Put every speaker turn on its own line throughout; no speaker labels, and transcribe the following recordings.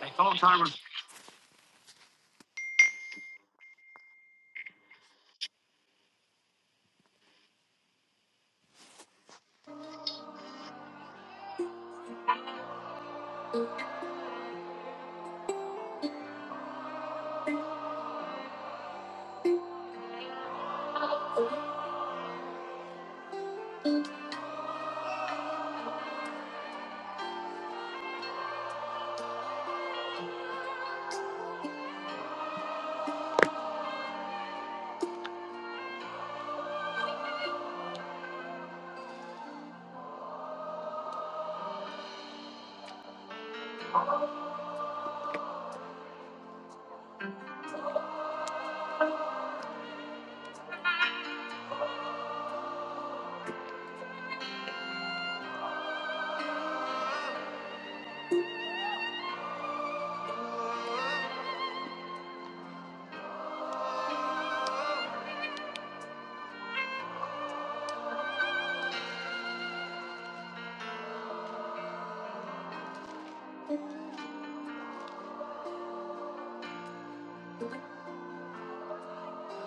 They thought I was.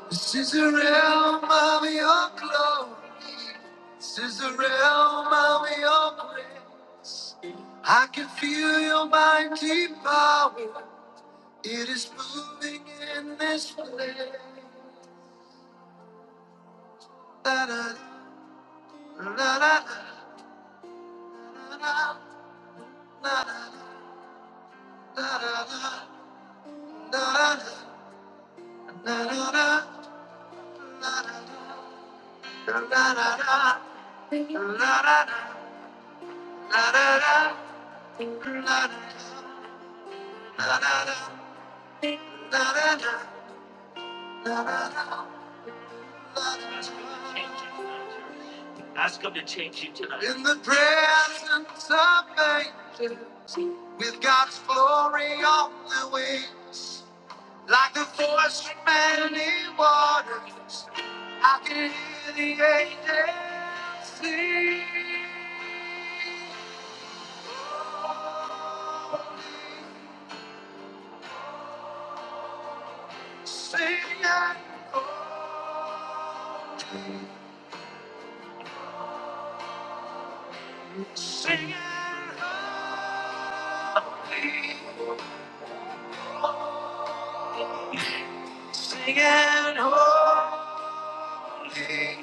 This is the realm of your glory. This is the realm of your grace. I can feel your mighty power. It is moving in this place. Da da da da da da da da da da da da da da da da In the presence of man, with God's glory on the wings, like the voice from many waters, I can hear the angels sing. Singing, singing, holy, singing, holy. sing and holy. In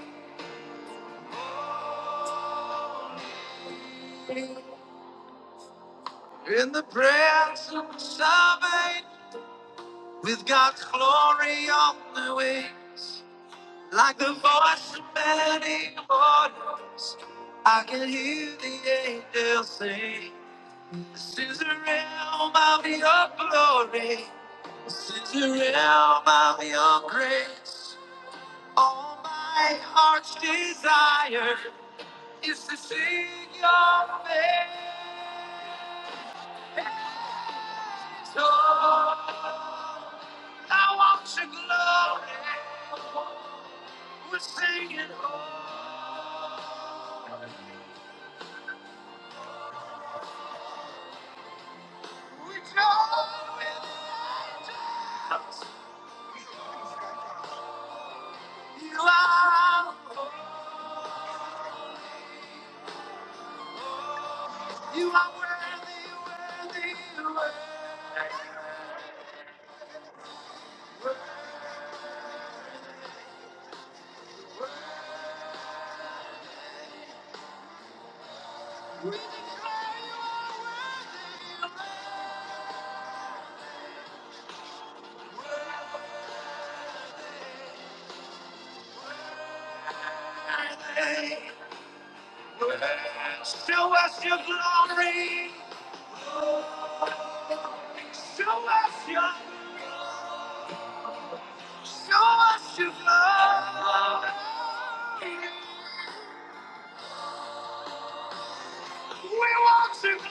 the presence of eight, with God's glory on the wings, like the voice of many waters, I can hear the angels sing. This is the realm of your glory. This is the realm of your grace. All my heart's desire is to see your face. So I want your glory. We're singing home. We join with angels. You are our hope. You are worthy, worthy, worthy. We declare you are worthy, worthy. Show us your glory. Show us your glory. Show us your love. We want to live.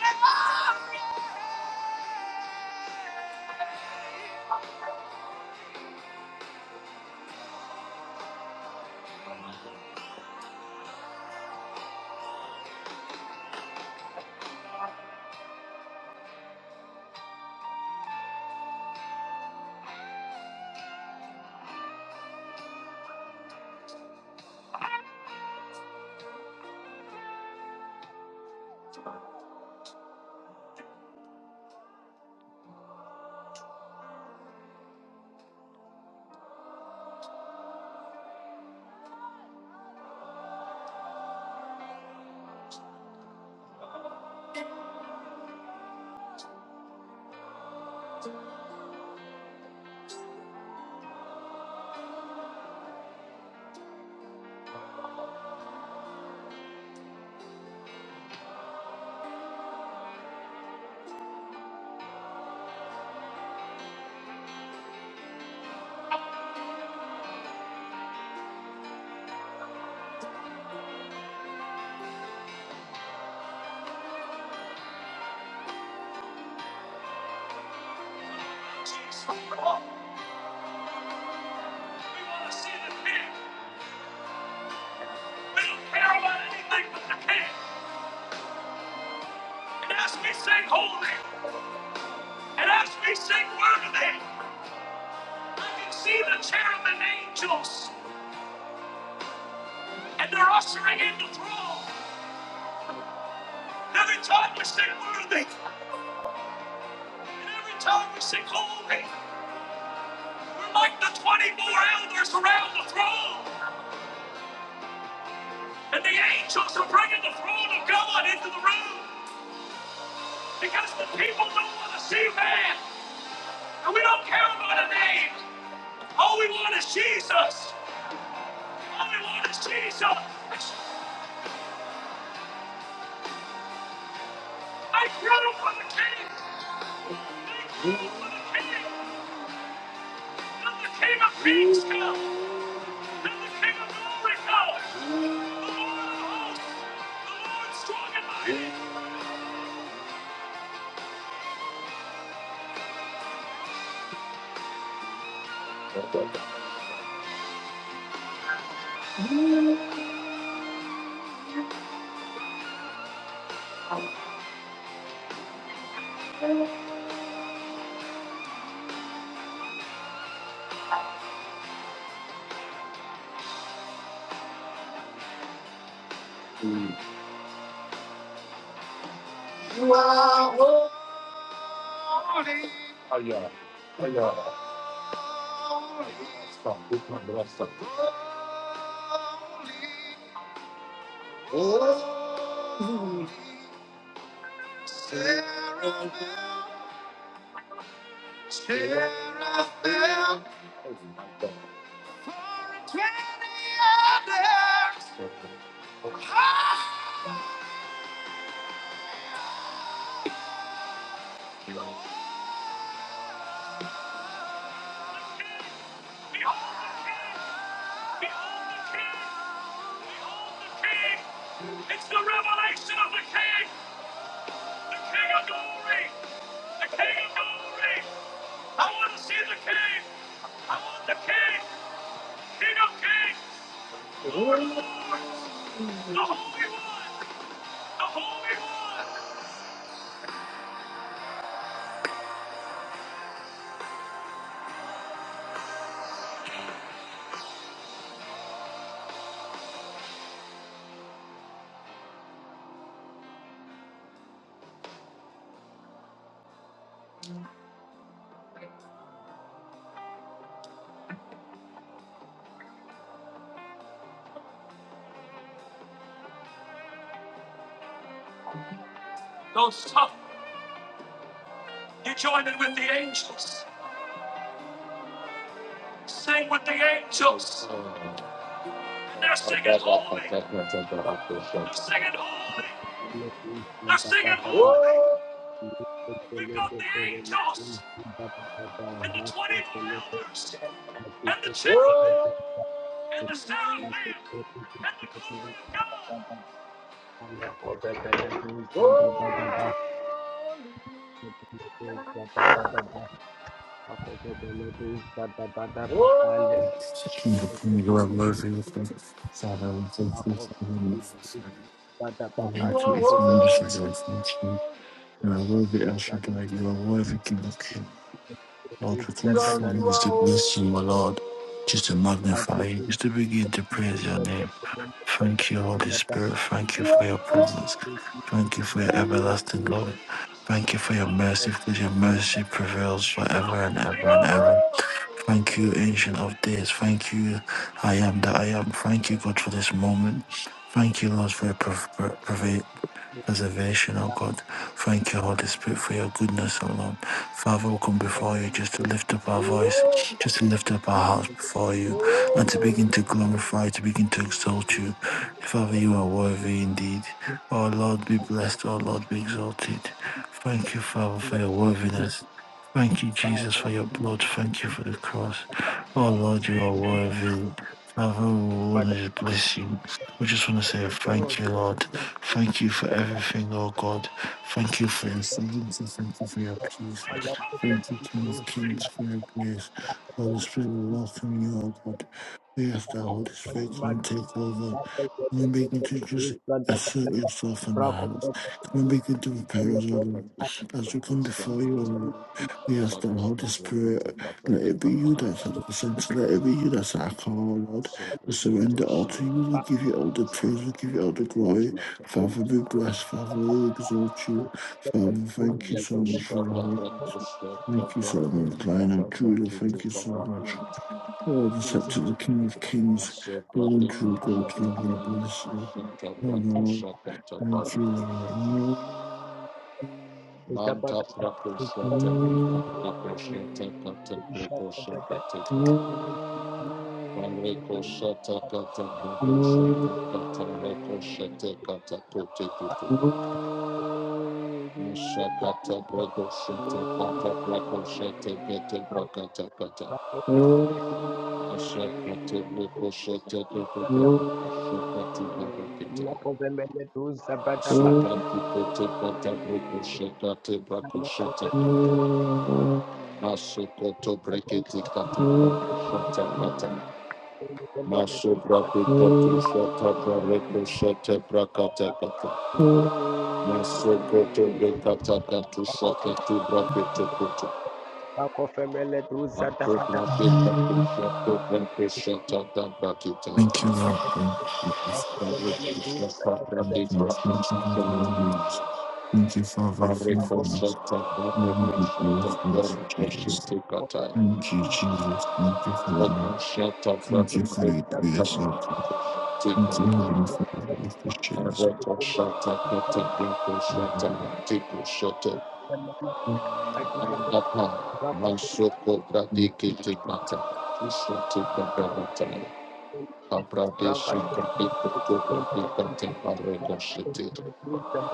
Jesus, We want to see the king. We don't care about anything but the king. And as we sing holy, and as we sing worthy, I can see the cherubim angels, and they're ushering in the throne. And every time we sing worthy, and every time we sing holy, we're like the 24 elders around the throne. And the angels are bringing the throne of God into the room because the people don't want to see man. And we don't care about a name. All we want is Jesus. All we want is Jesus. I grow for the king. I grow for the king. Let the king of kings come. Let the king of glory come. Lord, strong and mighty. You are holy. Oh, yeah. Oh, yeah. Stop, put my glass up. oh, Seraphim, Seraphim, for twenty others. Ah! Behold the King! Behold the King! Behold the King! It's the revelation of the King! The King of glory! The King of glory! I want to see the King. I want the King, King of Kings, the Holy One, the Holy One. Don't stop. You join in with the angels. Sing with the angels. they're singing holy. They're singing holy.
Thank
They're singing holy. We've got the angels and the 24 elders and the cherubim and the seraphim and the glory of God. you are.
You are worthy, El Shaddai. You are worthy, King of Kings. Lord, we come before you just to bless you, my Lord. Just to magnify you. Just to begin to praise your name. Thank you, Holy Spirit. Thank you for your presence. Thank you for your everlasting love. Thank you for your mercy, because your mercy prevails forever and ever and ever. Thank you, Ancient of Days. Thank you, I am that I am. Thank you, God, for this moment. Thank you, Lord, for your preservation, oh God. Thank you, Holy Spirit, for your goodness, oh Lord. Father, we come before you just to lift up our voice, just to lift up our hearts before you, and to begin to glorify, to begin to exalt you. Father, you are worthy indeed. Oh Lord, be blessed. Oh Lord, be exalted. Thank you, Father, for your worthiness. Thank you, Jesus,
you.
for your blood. Thank you for the cross. Oh Lord, you are worthy. Father, we want
But
to
the
just bless you. We just want to say
people
Oh.
thank you, Lord. Thank you for everything, oh God. Thank you for your sovereignty. Thank you for your peace.
are left with
Thank you, King of
the
Kings, for your grace. Holy Spirit, we welcome you, oh God. We ask that Holy
Father, show
Spirit can
me
take over. Can we begin to just assert yourself in the house? Can we begin to prepare us, oh
what
Lord?
kind of
As
love
we come
is
before you, oh
confronting.
Lord, we ask
Attack
the
after
Holy Spirit,
attack after
let
attack
it be
after
you that's
attack.
at the center, let it be you that's our call, oh
I
Lord.
shall
We
break your soul,
surrender all
shall
to you, we give
not
you
break
all
your
the
soul.
praise, we give you all the
Father,
glory.
confront him.
Father, be blessed. Father, we exalt you. Father,
I
thank you
leave
so
the
much for your
shop and break
holiness.
the shop
Thank you
to
so
block
much,
it.
Lion of
God, not
Judah.
keep
Thank
it
you
from
so much.
happening.
Lord, the scepter,
I
the King of Kings,
shall
the
block it,
one true
it
God,
not to
Father, I
come.
bless you.
It shall
Oh,
block it,
Lord,
shall not
thank you,
to come. Manta Prakusha Temika Prakusha Taka Temprakusha Kateka Pareko Shata Kata Prakusha Kata Reko Shate Kata Kote Kutuka Masha Kata
Lord. Thank
Prakusha Kata Prakusha Kete Prakata Kata Masha Kata Prakusha Kete Kutuka Shukati Barakita Sukati Kote Kata Prakusha Kate Prakusha Masokoto brekete katuka shata kata. Masobra brekete shata breko shata brakata kata. Masokoto brekata katu shakatu brakete kutu. Makobra brekete shata breko shata da brakete.
you, Lord. Thank you, Jesus.
Thank
Bareko shata
you.
brakete
Thank you,
shata
Thank you for your
kata.
goodness. Thank you for
Bareko
about
Thank you,
shata bareko shata bareko shata kata.
Thank
Bareko
you, Jesus.
what the
Thank you,
things
Jesus. Thank you for your name.
shata
Thank you for
breko
your
that
shata
grace. Lord.
brakete
Thank you,
kata.
they
Heavenly
get
Father, for sharing
by
this
the
Thank
company. And then I do not grab it. Brown card is not to be done.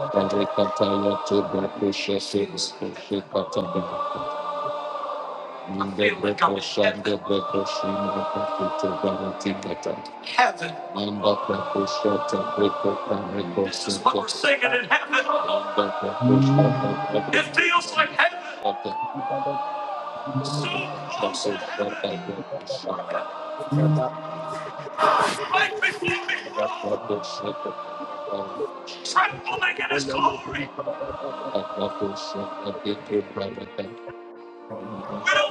you. Heaven. This is what we're singing in heaven. It feels like heaven. So close to heaven. Right before the throne. Trembling in his glory. We don't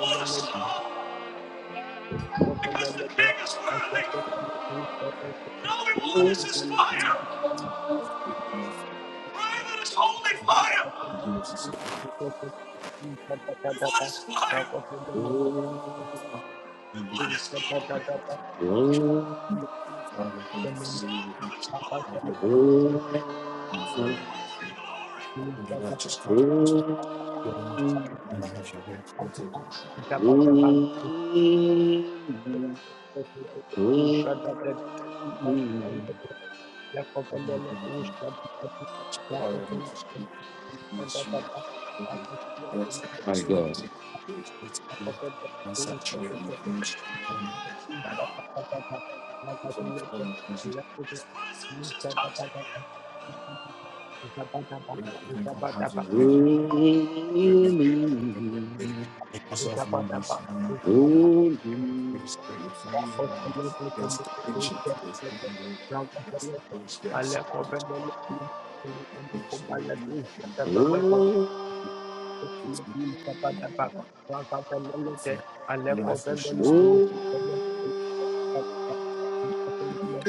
want to stop because the king is worthy. And all we want is his fire. Fire that is holy fire. We want his fire. We want his glory.
Father, come
We
Thank you.
before
smoke
you.
for
and
his
Thank
glory.
Father, come
Holy,
before you. Only that God has
holy glory.
have your way content.
you.
and The oil needs to speak. Mashiach, David, rest of the
My
spirit,
God.
we do it totally, on saturated, quenched, and that is on the phone of presence, we might even go have your way,
glory,
we make it today, make yourself known, this morning, that Holy Spirit is on your lives, we ask the ancient days, I can go, we ask the Holy Spirit, I send it to you, Holy Spirit, you, and then, it's in the, of my heart, so my life will choose you,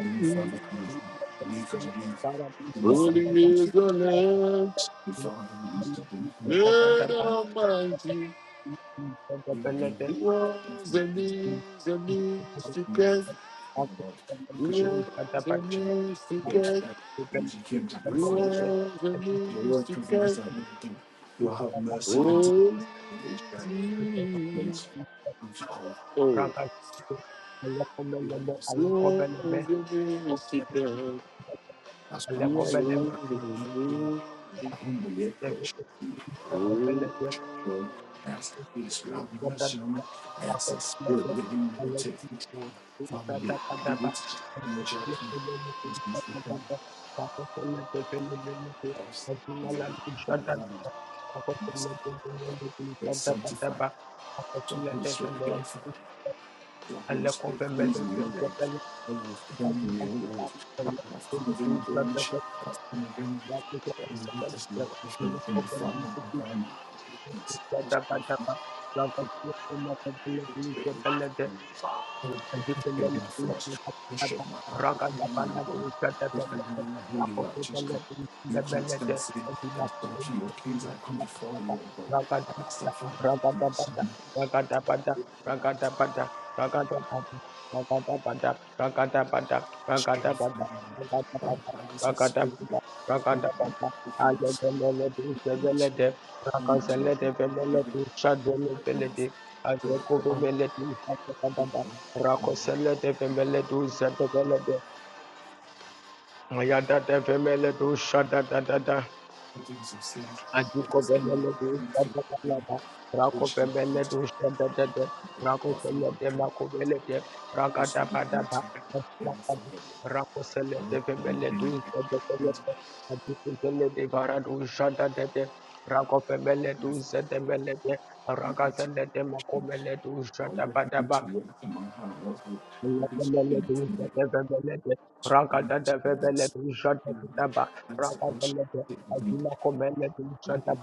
Give me
now.
five minutes. Give me because you need. Give me used minutes. Give me five minutes to do. Give me. Because you're the child. If you came to the falls, your Lord prevails that will You will have mercy and time. Always. To call.
hmm
Alekomeleme, Alekomeleme,
That's my Holy Spirit.
Alekomeleme,
I humbly approach. you. I
Alekomeleme, Alekomeleme,
Lord, I ask the to spirit out of
Alekomeleme,
us, you know, I ask the spirit that you would take control. Father, be obedient to just energize me. Please use me ourselves. We really never done this. Spirit sanctify. So Holy Spirit purify. So Holy Spirit cleanse me, oh Lord. Oh Lord, cleanse me, oh Lord. Father, I've come with any blemish. I've come with any any weakness and everything. Father, oh
Alekomeleme,
God, it's
Thank
possible.
you. Rakata rakata
You constant sin, that's why King of Kings, I come before you, Lord God. I ask that Father, in your Son,
rakata
strength and
rakata
memory. Father, by this spirit, spirit, looking, spirit, spirit, spirit,
rakata
spirit,
Rakosele de Vemele do Zadabele de Mayada de Vemele do Shada da da da
forgiveness of sins, it
Adiko
was in the
Vemele do
everything
Shada
to
da da
begin
da
with,
Rako
which you can
Vemele do Shada da da
do
Rako
often
Vemele
on
de Mako Vele de Raka
purpose
da
in
ba
the
da
event of
da
them finding
Rako Sele
and
de Vemele do Zada Adiko Vele de Vara do Shada da da Rako Vemele do
with
Zada Vele de
the
Raka
protection
de Mako Vele do
by
Shada ba da
looking
ba.
to work for my heart also
Accompagnement,
because you can see the one to the rest. That's the action taking me.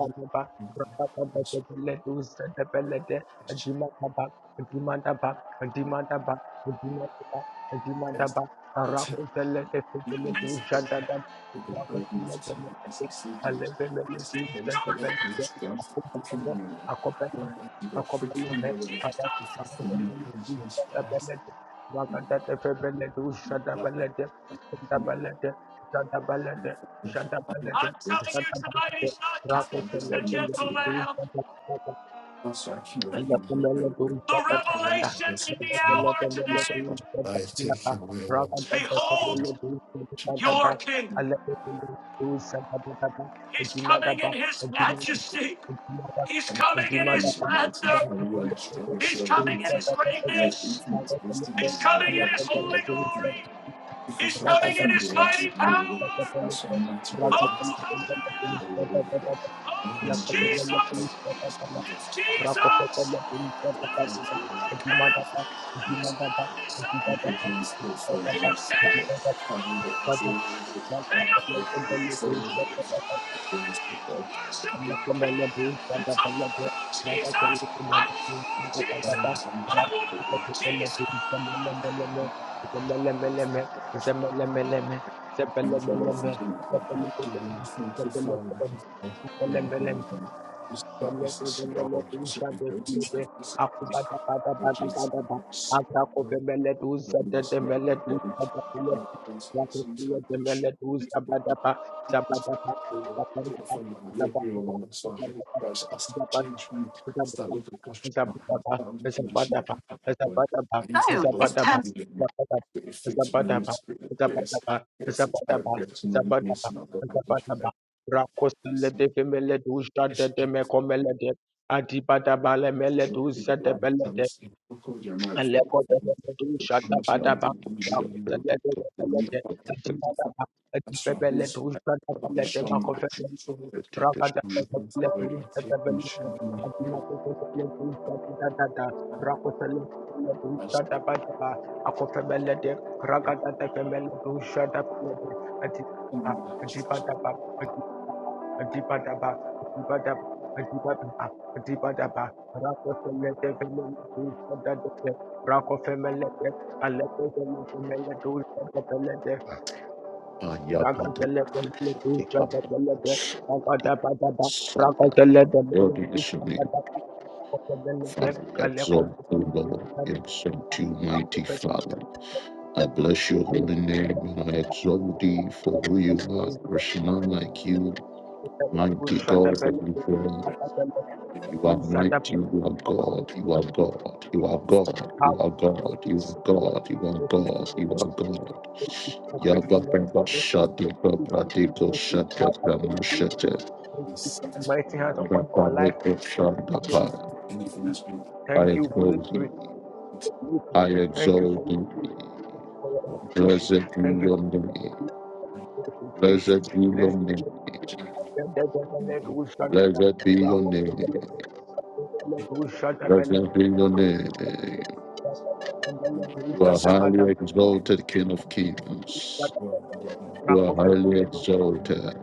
in should Even this day, who can burden of tiredness and sleepiness, and is the place to that which stands who can remember. Almighty God, free come by the way, if I can your presence rise,
accompagnement,
and
Rakatete febele du
you
shada
love it,
balete,
and
shada
you know, love
balete, shada
you
balete,
for this,
shada
I don't
balete,
have
I'm telling
lips,
you
shada
tonight,
balete.
he's not
it's
coming
not
Rakatete
that
as
I'm
the
being
febele
gentle
du
to,
lamb.
shada balete,
also I can of him, we know,
The
it's the only
revelation
best
in
way
the
to me,
hour
what's up,
today
I take away one,
is behold your king. He's coming in his majesty. He's
Thank
coming in his
thank the mighty for
splendor.
you are the strongest,
He's
you are the
coming in his
mightiest. You are the
greatness.
infinite wisdom,
He's
and
coming
you are
in
the
his
creator
holy
of everything.
glory.
Raga
Because
He's
for
coming in
everything the
his
right
mighty
from you,
power.
that's why mighty God I ask
Oh,
that you. You are
hallelujah.
the living God. I'm
Oh,
going to
it's
bless you, God.
Jesus.
Bless you, Jesus.
It's Jesus!
Rakopekele Birisha
Say
There is
Thank
Takatuba,
you.
none
Lord.
like
Thank
him!
you for
Jimadaba,
you,
There is
God.
Jimadaba,
none beside
you for
Jimadaba,
being
him!
faithful and
King
Jimadaba,
of
merciful.
kings!
Jimadaba,
I mean,
Lord
that
of
it's a, I
Father,
lords! King of
know,
glory!
Rakopekele
it's a,
Birisha
Lord
it's
Takatuba,
strong and mighty! Worship your
Rakopekele
king!
Birisha
It's all
Takatuba,
about Jesus!
Rakopekele
I want more
Birisha Takatuba,
Jesus! I want more
Rakopekele
Jesus!
Birisha Takatuba, Zemelemeleme,
a, it's a,
Zemelemeleme,
Thank you, Lord, for
Zebelemeleme,
doing everything.
Zebelemeleme,
Thank you, Father, for
Zebelemeleme,
everything. It's not, it's, it's, you know, it's an inheritance of this. Lord Jesus, I used to
Zabada
change me.
Zabadaba,
Start over, question my heart. I used to believe in people. I used to believe in me. Yes, yes, it's hard. Yes, no, yes, no, but I'm doing it. Yes, keep believing. People like Travis. I called your mother for a minute. I'm just letting you know you're not. Anything
Rakata Patapila Tatabella Adina Tata Rakosala Tata Patapa Akofabella de rakata Rakofemele,
Ayabada, Lord, we submit, Father, we exalt you, Lord, we exalt you, mighty Father. I bless your holy name, and I exalt thee for who you are. There's none like you, mighty God of Israel. You are mighty, you are God, you are God, you are God, you are God, you are God, you are God, you are God. Yabba
Faithfulness,
Baba
thank you
Shadi
for
Baba
provision.
Diko
Thank
Shata Brahma Shata
that's
mighty hands upon
Baba
our life.
Reko Shanda
been
Pa.
anything that's been.
I
thank you, Holy
exalt
Spirit.
you.
Listen,
I
Thank you for
exalt thee.
for your education.
Blessed be
Thank you
your name.
for your education.
Blessed be
Let's
your name.
let let who shut up.
Blessed be
Let
your
who
name.
shut up. Let who
Blessed be your name. You are
shut
highly exalted, King of Kings. You are
up.
highly exalted.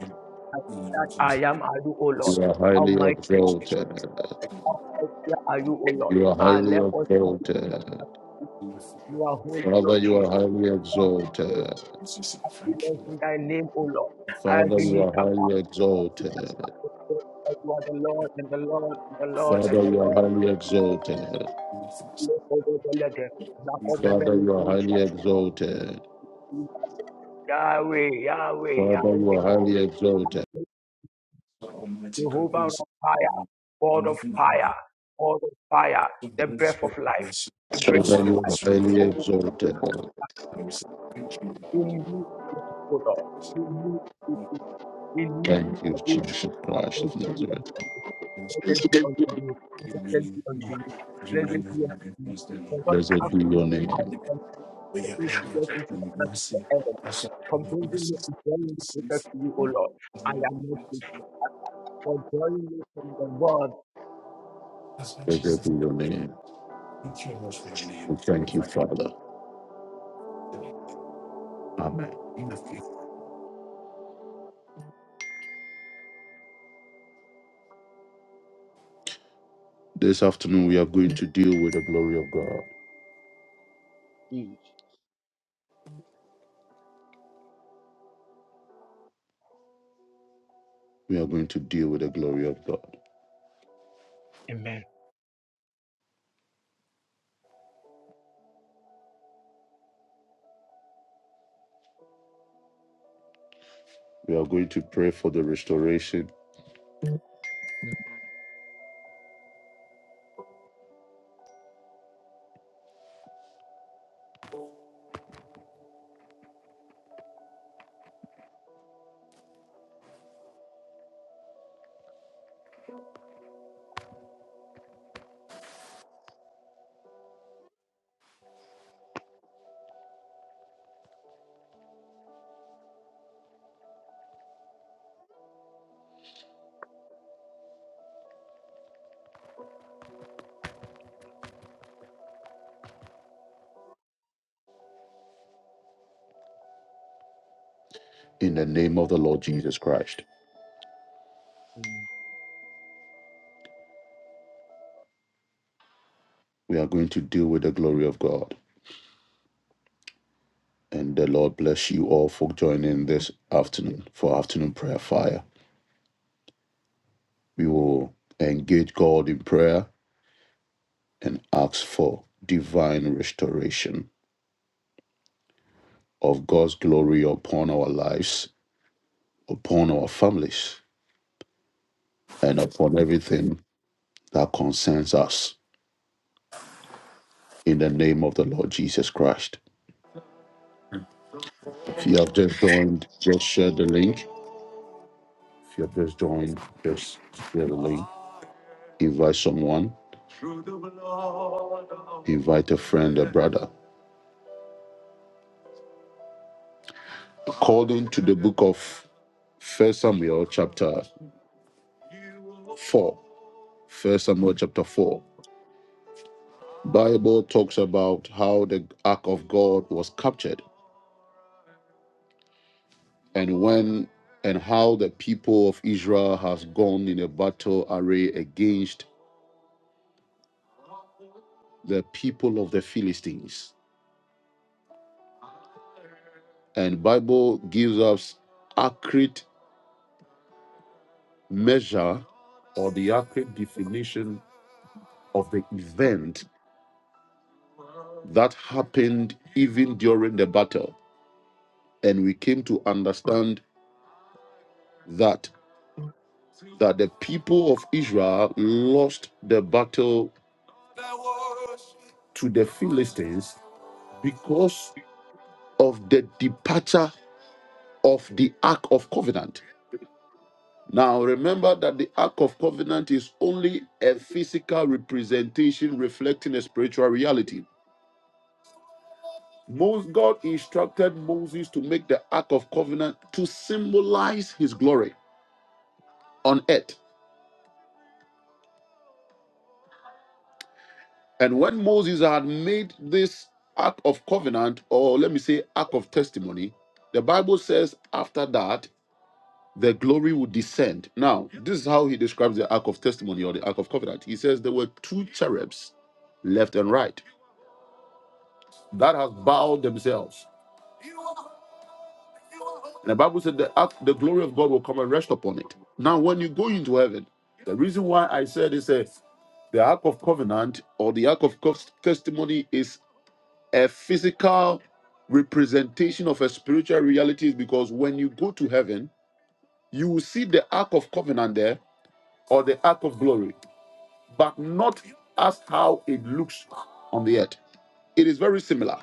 That I am, are you, O Lord?
You are
How
highly
mighty
exalted.
how mighty are you, O Lord?
You are
Ah,
highly
let us see
exalted.
you are holy,
Father,
Lord
you are
Jesus. You
highly
are holy
exalted.
in Thy name, O Lord. I
Father, you are
believe.
highly
You
exalted.
are the Lord and the Lord and the Lord
Father,
and the
you are
Lord.
highly exalted.
Nakobebelede,
Father,
nakobebele,
you are
usha,
highly exalted.
Yahweh, Yahweh,
Father, you
Yahweh,
are highly
Yahweh.
exalted.
Jehovah of fire, God of fire, God of fire, the breath of life, the breath
That's
Father,
of
why
you
Holy
are
life.
Spirit, we
highly
thank
Oh,
you.
exalted.
That's
in you, O Lord, in you, in you,
Thank
I
you,
give
Jesus Christ of Nazareth.
thanks to you and blessed be
really
unto you, blessed be unto you, blessed be unto you. The Lord
Blessed
cast
be your
me
name.
out me
all
to
there
get into the
and
hands of the enemy, from
we have
bringing me
mercy.
and drawing me closer to you, O
That's
Lord. I am not grateful for drawing me from the world.
why Jesus,
Blessed
said,
be your name.
thank you, Lord, for your name.
We thank you, Father.
Thank
Amen.
you.
This afternoon, we are going to deal with the glory of God.
Mm.
We are going to deal with the glory of God.
Amen.
We are going to pray for the restoration
Mm,
in the name of the Lord Jesus Christ.
mm.
We are going to deal with the glory of God. And the Lord bless you all for joining this afternoon for afternoon prayer fire. We will engage God in prayer and ask for divine restoration of God's glory upon our lives, upon our families, and upon everything that concerns us. In the name of the Lord Jesus Christ.
Mm.
If you have just joined, just share the link. If you have just joined, just share the link. Invite someone, invite a friend, a brother. According to the book of First Samuel, chapter 4, First Samuel chapter 4. Bible talks about how the ark of God was captured and when and how the people of Israel has gone in a battle array against the people of the Philistines. And Bible gives us accurate measure or the accurate definition of the event that happened even during the battle. And we came to understand that that the people of Israel lost the battle to the Philistines because of the departure of the Ark of Covenant. Now, remember that the Ark of Covenant is only a physical representation reflecting a spiritual reality. Most God instructed Moses to make the Ark of Covenant to symbolize his glory on earth. And when Moses had made this Ark of Covenant, or let me say, Ark of Testimony, the Bible says after that the glory would descend. Now, this is how he describes the ark of testimony or the ark of covenant. He says there were two cherubs, left and right, that has bowed themselves. And the Bible said the ark, the glory of God will come and rest upon it. Now, when you go into heaven, the reason why I said is a the ark of covenant or the ark of Cos- testimony is a physical representation of a spiritual reality is because when you go to heaven you will see the ark of covenant there or the ark of glory but not as how it looks on the earth. It is very similar.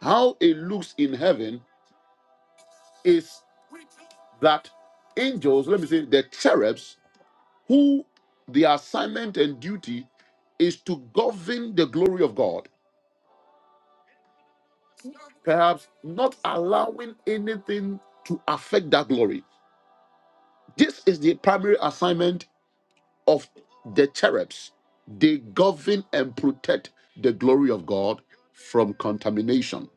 How it looks in heaven is that angels, let me say, the cherubs, who their assignment and duty is to govern the glory of God, perhaps not allowing anything to affect that glory. This is the primary assignment of the cherubs. They govern and protect the glory of God from contamination.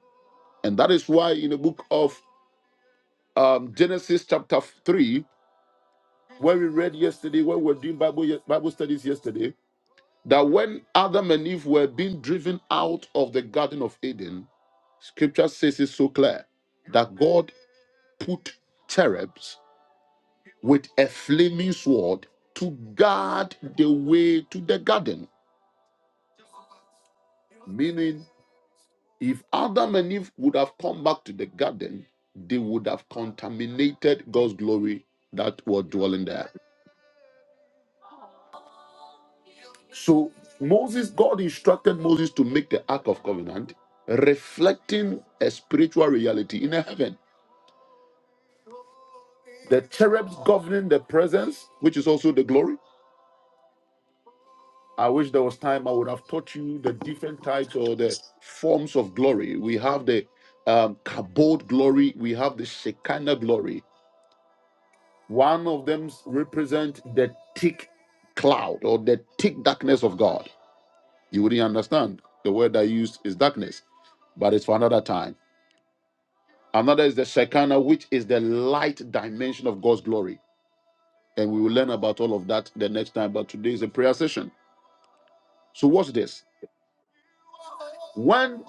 And that is why in the book of um, Genesis chapter 3, where we read yesterday, when we were doing Bible, Bible studies yesterday, that when Adam and Eve were being driven out of the Garden of Eden, scripture says it so clear that God put cherubs with a flaming sword to guard the way to the garden meaning. If Adam and Eve would have come back to the garden, they would have contaminated God's glory that was dwelling there. So Moses, God instructed Moses to make the Ark of Covenant, reflecting a spiritual reality in heaven. The cherubs governing the presence, which is also the glory. I wish there was time I would have taught you the different types or the forms of glory. We have the um, kabod glory, we have the Shekinah glory, One of them represents the thick cloud or the thick darkness of God. You wouldn't understand. The word I used is darkness, but it's for another time. Another is the Shekinah, which is the light dimension of God's glory. And we will learn about all of that the next time. But today is a prayer session. So, what's this. When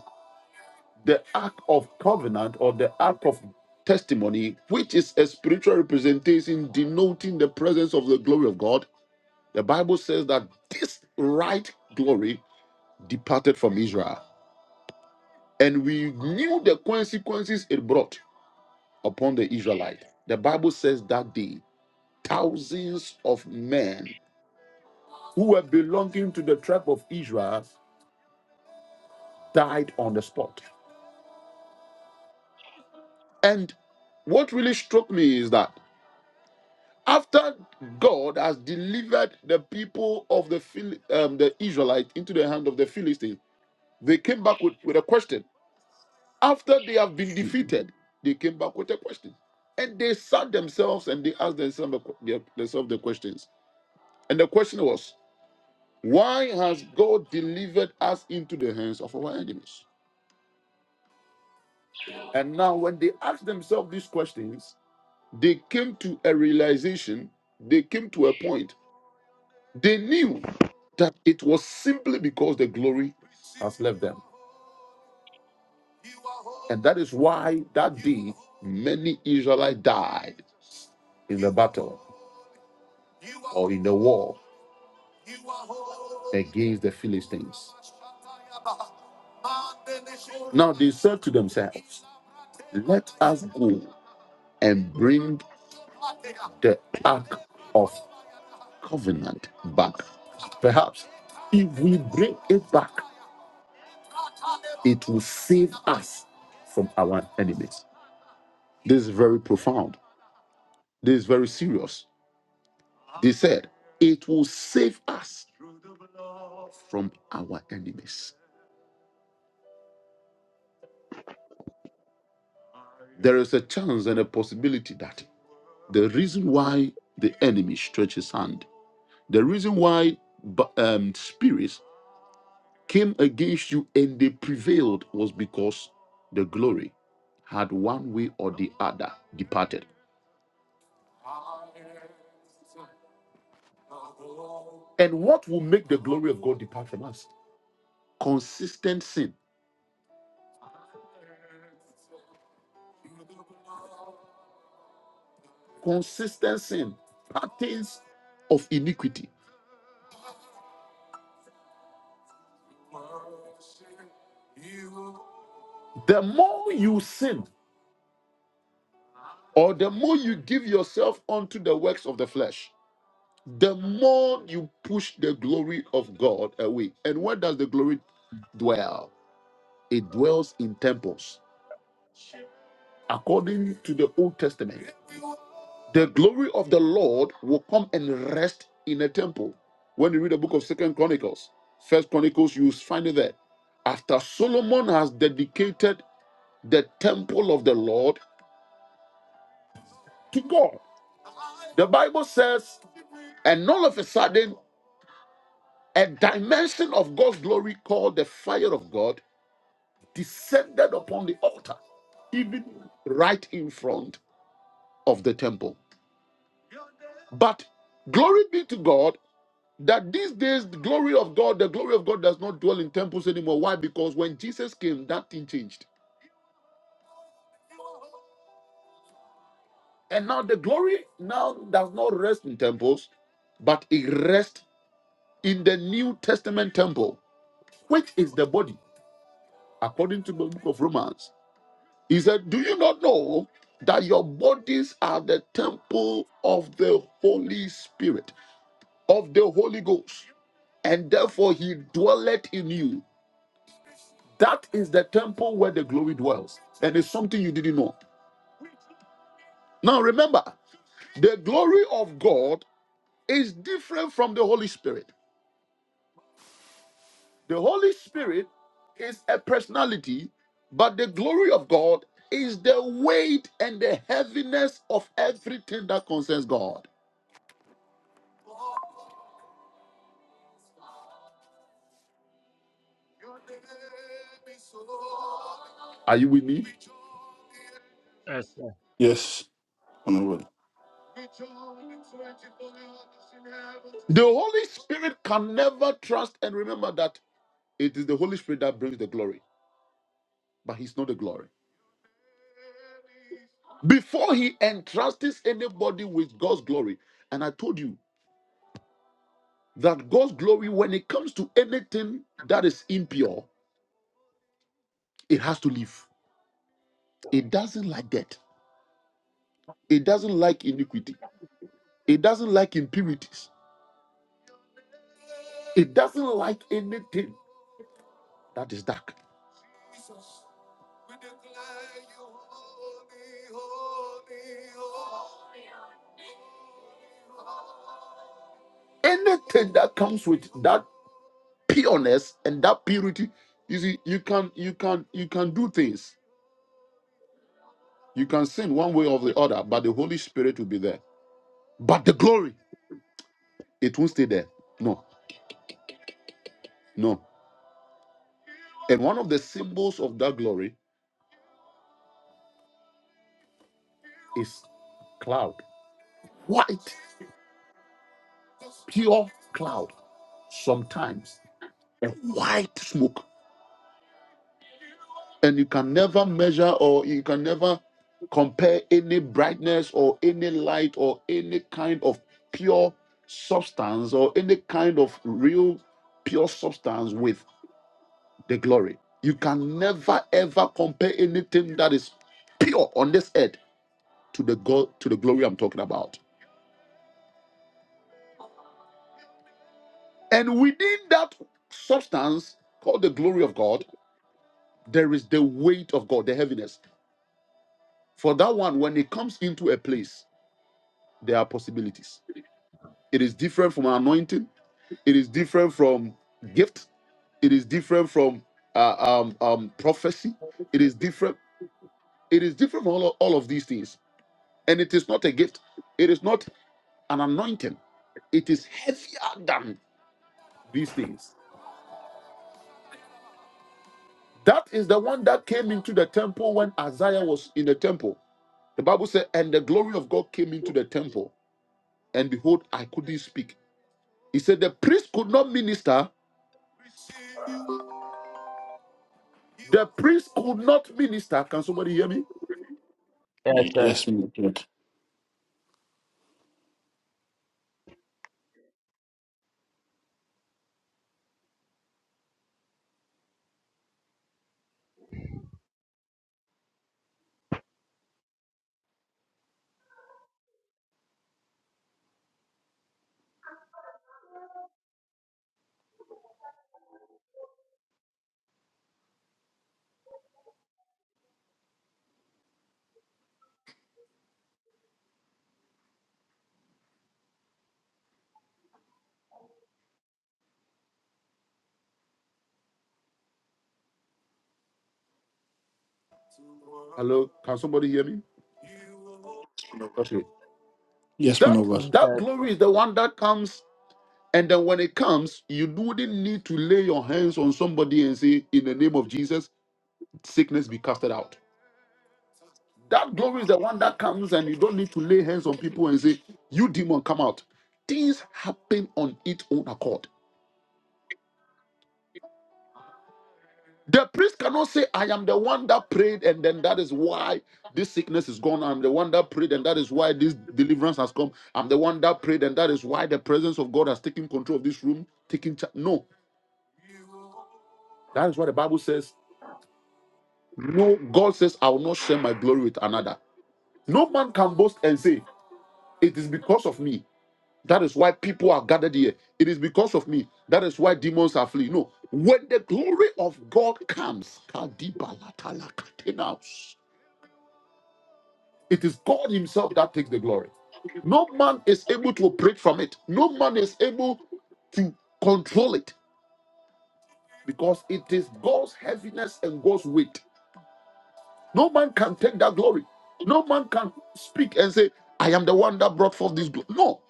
the Ark of Covenant or the Ark of Testimony, which is a spiritual representation denoting the presence of the glory of God, The Bible says that this right glory departed from Israel, and we knew the consequences it brought upon the Israelite. The Bible says that day, thousands of men who were belonging to the tribe of Israel died on the spot. And what really struck me is that after God has delivered the people of the Phil- um, the Israelite into the hand of the Philistines, they came back with, with a question After they have been defeated, they came back with a question. And they sat themselves and they asked themselves the themselves the questions. And the question was, why has God delivered us into the hands of our enemies? And now, when they asked themselves these questions, they came to a realization, they came to a point, they knew that it was simply because the glory has left them. And that is why that day many Israelites died in the battle or in the war against the Philistines. Now they said to themselves, Let us go and bring the ark of covenant back. Perhaps if we bring it back, it will save us from our enemies. This is very profound. This is very serious. They said, It will save us from our enemies. There is a chance and a possibility that the reason why the enemy stretches hand The reason why ba- um, spirits came against you and they prevailed was because the glory had one way or the other departed. And what will make the glory of God depart from us? Consistent sin, consistent sin, patterns of iniquity. The more you sin, or the more you give yourself unto the works of the flesh, the more you push the glory of God away. And where does the glory dwell? It dwells in temples. According to the Old Testament, the glory of the Lord will come and rest in a temple. When you read the book of Second Chronicles, First Chronicles, you find it there. After Solomon has dedicated the temple of the Lord to God, the Bible says, and all of a sudden, a dimension of God's glory called the fire of God descended upon the altar, even right in front of the temple. But glory be to God that these days the glory of God, the glory of God does not dwell in temples anymore. Why? Because when Jesus came, that thing changed. And now the glory now does not rest in temples, but it rests in the New Testament temple, which is the body, according to the book of Romans. He said, Do you not know that your bodies are the temple of the Holy Spirit, of the Holy Ghost, and therefore he dwelleth in you? That is the temple where the glory dwells, and it's something you didn't know. Now remember, the glory of God is different from the Holy Spirit. The Holy Spirit is a personality, but the glory of God is the weight and the heaviness of everything that concerns God. Are you with me?
Yes, sir.
Yes, man of God.
The Holy Spirit can never trust and remember that it is the Holy Spirit that brings the glory, but He's not the glory. Before He entrusts anybody with God's glory, and I told you that God's glory, when it comes to anything that is impure, it has to leave. It doesn't like that. It doesn't like iniquity. It doesn't like impurities. It doesn't like anything that is dark. Anything that comes with that pureness and that purity, you see, you can you can you can do things. You can sin one way or the other, but the Holy Spirit will be there. But the glory, it won't stay there. No, no. And one of the symbols of that glory is cloud. white, pure cloud, sometimes a white smoke. And you can never measure or you can never compare any brightness or any light or any kind of pure substance or any kind of real pure substance with the glory. You can never ever compare anything that is pure on this earth to the God to the glory I'm talking about. And within that substance called the glory of God, There is the weight of God, the heaviness. For that one, when it comes into a place, there are possibilities. It is different from anointing. It is different from gift. It is different from uh, um, um, prophecy. It is different. It is different from all of, all of these things. And it is not a gift. It is not an anointing. It is heavier than these things. That is the one that came into the temple when Isaiah was in the temple. The Bible said, and the glory of God came into the temple. and behold, I couldn't speak. He said, The priest could not minister. The priest could not minister. Can somebody hear me?
Yes,
Y-
sir.
Yes, man of God.
Hello? Can somebody hear me? Okay.
Yes, man
That
of God.
that
Yes.
glory is the one that comes, and then when it comes, you wouldn't need to lay your hands on somebody and say, In the name of Jesus, sickness be casted out. That glory is the one that comes, and you don't need to lay hands on people and say, You demon, come out. Things happen on its own accord. The priest cannot say, I am the one that prayed, and then that is why this sickness is gone. I'm the one that prayed, and that is why this deliverance has come. I'm the one that prayed, and that is why the presence of God has taken control of this room, taking charge. No, that is what the Bible says. No, God says, I will not share my glory with another. No man can boast and say, It is because of me. That is why people are gathered here. It is because of me. That is why demons are fleeing. No, when the glory of God comes, Kadibalatala Katenaus. It is God Himself that takes the glory. No man is able to operate from it, no man is able to control it because it is God's heaviness and God's weight. No man can take that glory. No man can speak and say, I am the one that brought forth this glory. No,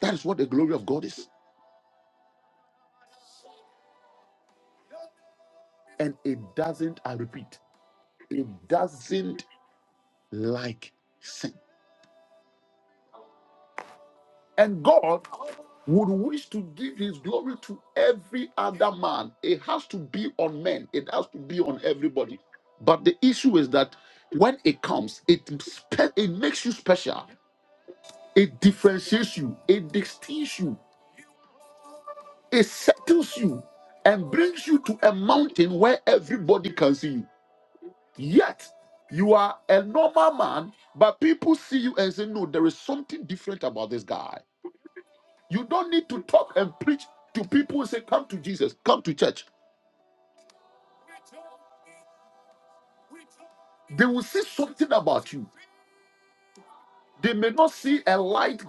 that is what the glory of God is. And it doesn't, I repeat, it doesn't like sin. And God would wish to give his glory to every other man. It has to be on men, it has to be on everybody. But the issue is that when it comes, it, spe- it makes you special, it differentiates you, it distincts you, it settles you, and brings you to a mountain where everybody can see you. Yet, you are a normal man, but people see you and say, No, there is something different about this guy. You don't need to talk and preach to people and say, Come to Jesus, come to church. They will see something about you. They may not see a light,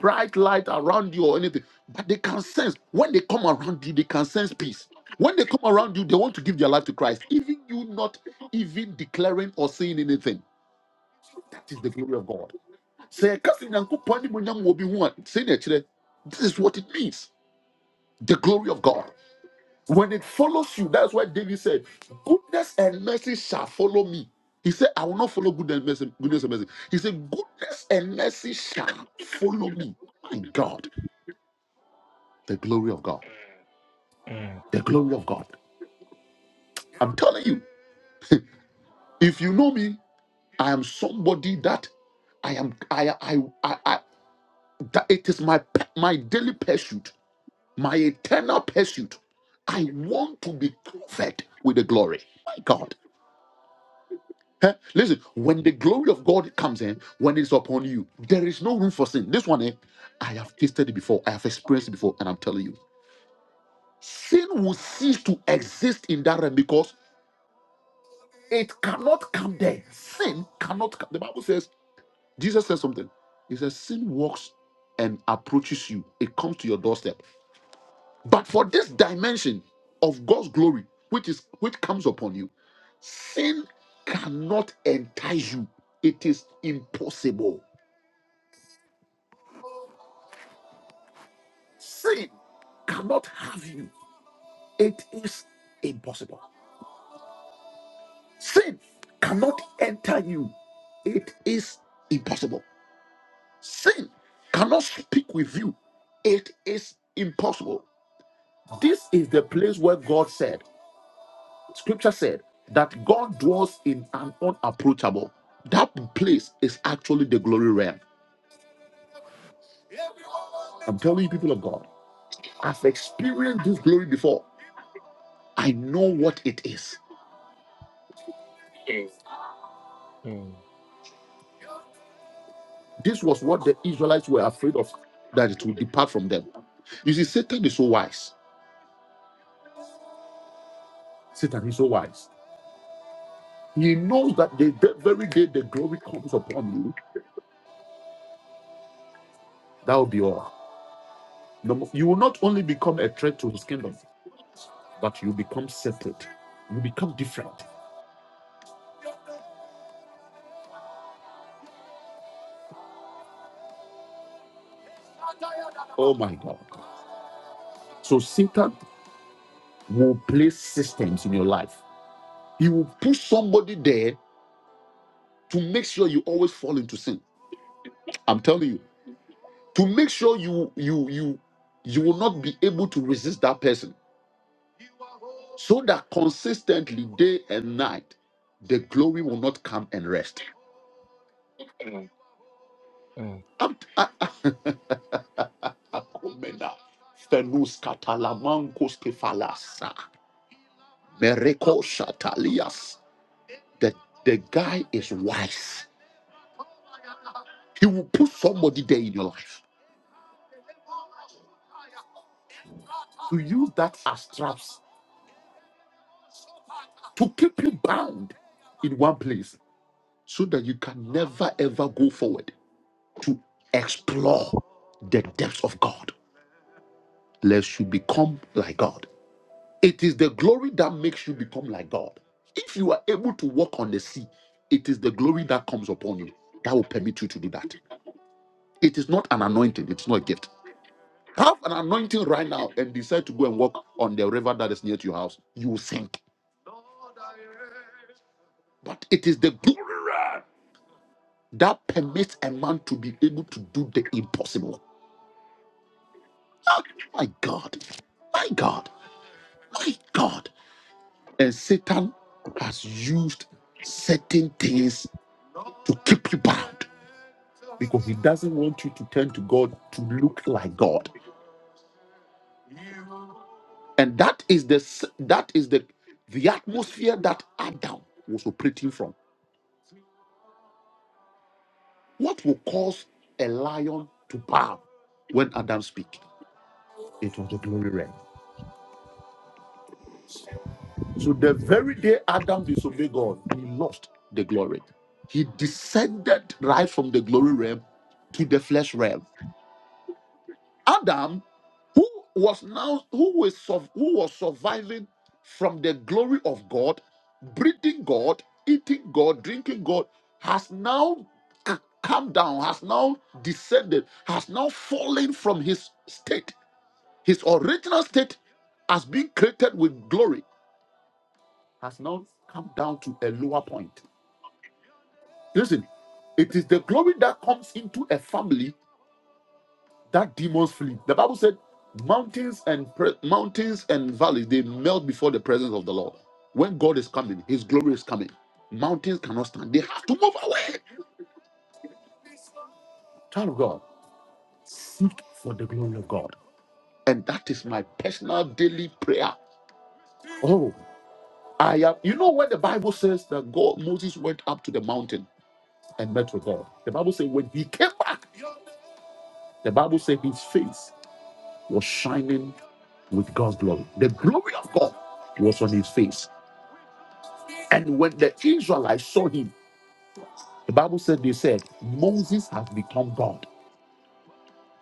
bright light around you or anything, but they can sense when they come around you, they can sense peace. When they come around you, they want to give their life to Christ, even you not even declaring or saying anything. So That is the glory of God. Sɛ yɛka sɛ Nyankopɔn animuonyam wɔ obi ho a, sei na ɛkyerɛ, This is what it means the glory of God. When it follows you, that's why David said, Goodness and mercy shall follow me. He said, I will not follow good and mercy, goodness and mercy. He said, Goodness and mercy shall follow me. My God, the glory of God. The glory of God. I'm telling you, if you know me, I am somebody that I am I I I, I that it is my my daily pursuit, my eternal pursuit. I want to be covered with the glory. My God. Eh, Listen, when the glory of God comes in, when it's upon you, there is no room for sin. This one, eh, I have tasted it before, I have experienced it before, and I'm telling you, sin will cease to exist in that realm because it cannot come there. Sin cannot come. The Bible says, Jesus says something. He says, Sin walks and approaches you, it comes to your doorstep. But for this dimension of God's glory, which is which comes upon you, sin cannot entice you. It is impossible. Sin cannot have you. It is impossible. Sin cannot enter you. It is impossible. Sin cannot speak with you. It is impossible. This is the place where God said, Scripture said, that God dwells in an unapproachable. That place is actually the glory realm. I'm telling you, people of God, I've experienced this glory before. I know what it is.
Mm,
This was what the Israelites were afraid of, that it would depart from them. You see, Satan is so wise. Satan is so wise. He knows that the the very day the glory comes upon you, that will be all. No- You will not only become a threat to his kingdom, but you become separate. You become different. Oh my God. So Satan will place systems in your life. He will push somebody there to make sure you always fall into sin. I'm telling you. to make sure you you you you will not be able to resist that person so that consistently day and night the glory will not come and rest
mm,
I'm- I- I- Akomena, Fenus Katalamankos Kefalasa, Mereko Shatalias. the the guy is wise he will put somebody there in your life to use that as traps to keep you bound in one place so that you can never ever go forward to explore the depths of God, lest you become like God. It is the glory that makes you become like God. If you are able to walk on the sea, it is the glory that comes upon you that will permit you to do that. It is not an anointing, it's not a gift. Have an anointing right now and decide to go and walk on the river that is near to your house. You will sink. But it is the glory that permits a man to be able to do the impossible. Oh, my God, my God, my God. And Satan has used certain things to keep you bound because he doesn't want you to turn to God to look like God. And that is the s- that is the the atmosphere that Adam was operating from. What will cause a lion to bow when Adam speak? It was the glory realm. So the very day Adam disobeyed God, he lost the glory. He descended right from the glory realm to the flesh realm. Adam, who was now who was sur- who was surviving from the glory of God, breathing God, eating God, drinking God, has now c- come down, has now descended, has now fallen from his state, his original state as being created with glory has now come down to a lower point. Listen, it is the glory that comes into a family that demons flee. The Bible said, "Mountains and pre- mountains and valleys they melt before the presence of the Lord." When God is coming, His glory is coming. Mountains cannot stand; they have to move away. Child of God, seek for the glory of God, and that is my personal daily prayer. Oh, I am. You know when the Bible says that God Moses went up to the mountain and met with God. The Bible says when he came back. The Bible said his face was shining with God's glory. The glory of God was on his face. And when the Israelites saw him, the Bible said they said, Moses has become God.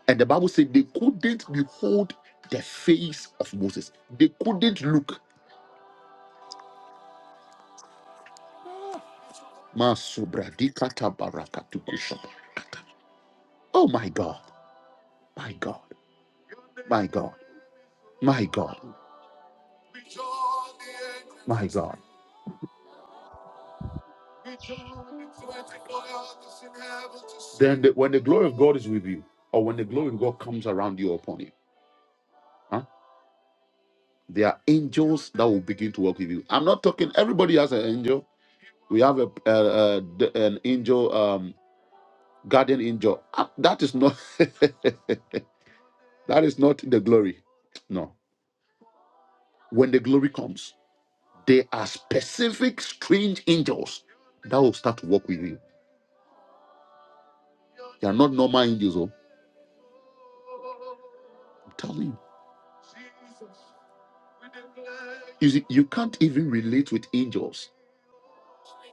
And the Bible said they couldn't behold the face of Moses. They couldn't look. Masobradikata
Jesus,
barakatukushaba. Oh my God, my God, my God, my God, my God. Then the, when the glory of God is with you, or when the glory of God comes around you upon you, huh? there are angels that will begin to work with you. I'm not talking. Everybody has an angel. We have a, uh uh an angel, um, guardian angel. Ah, That is not. that is not the glory. No. When the glory comes, there are specific strange angels that will start to work with you. They are not normal angels. Oh, I'm telling you. You see, you can't even relate with angels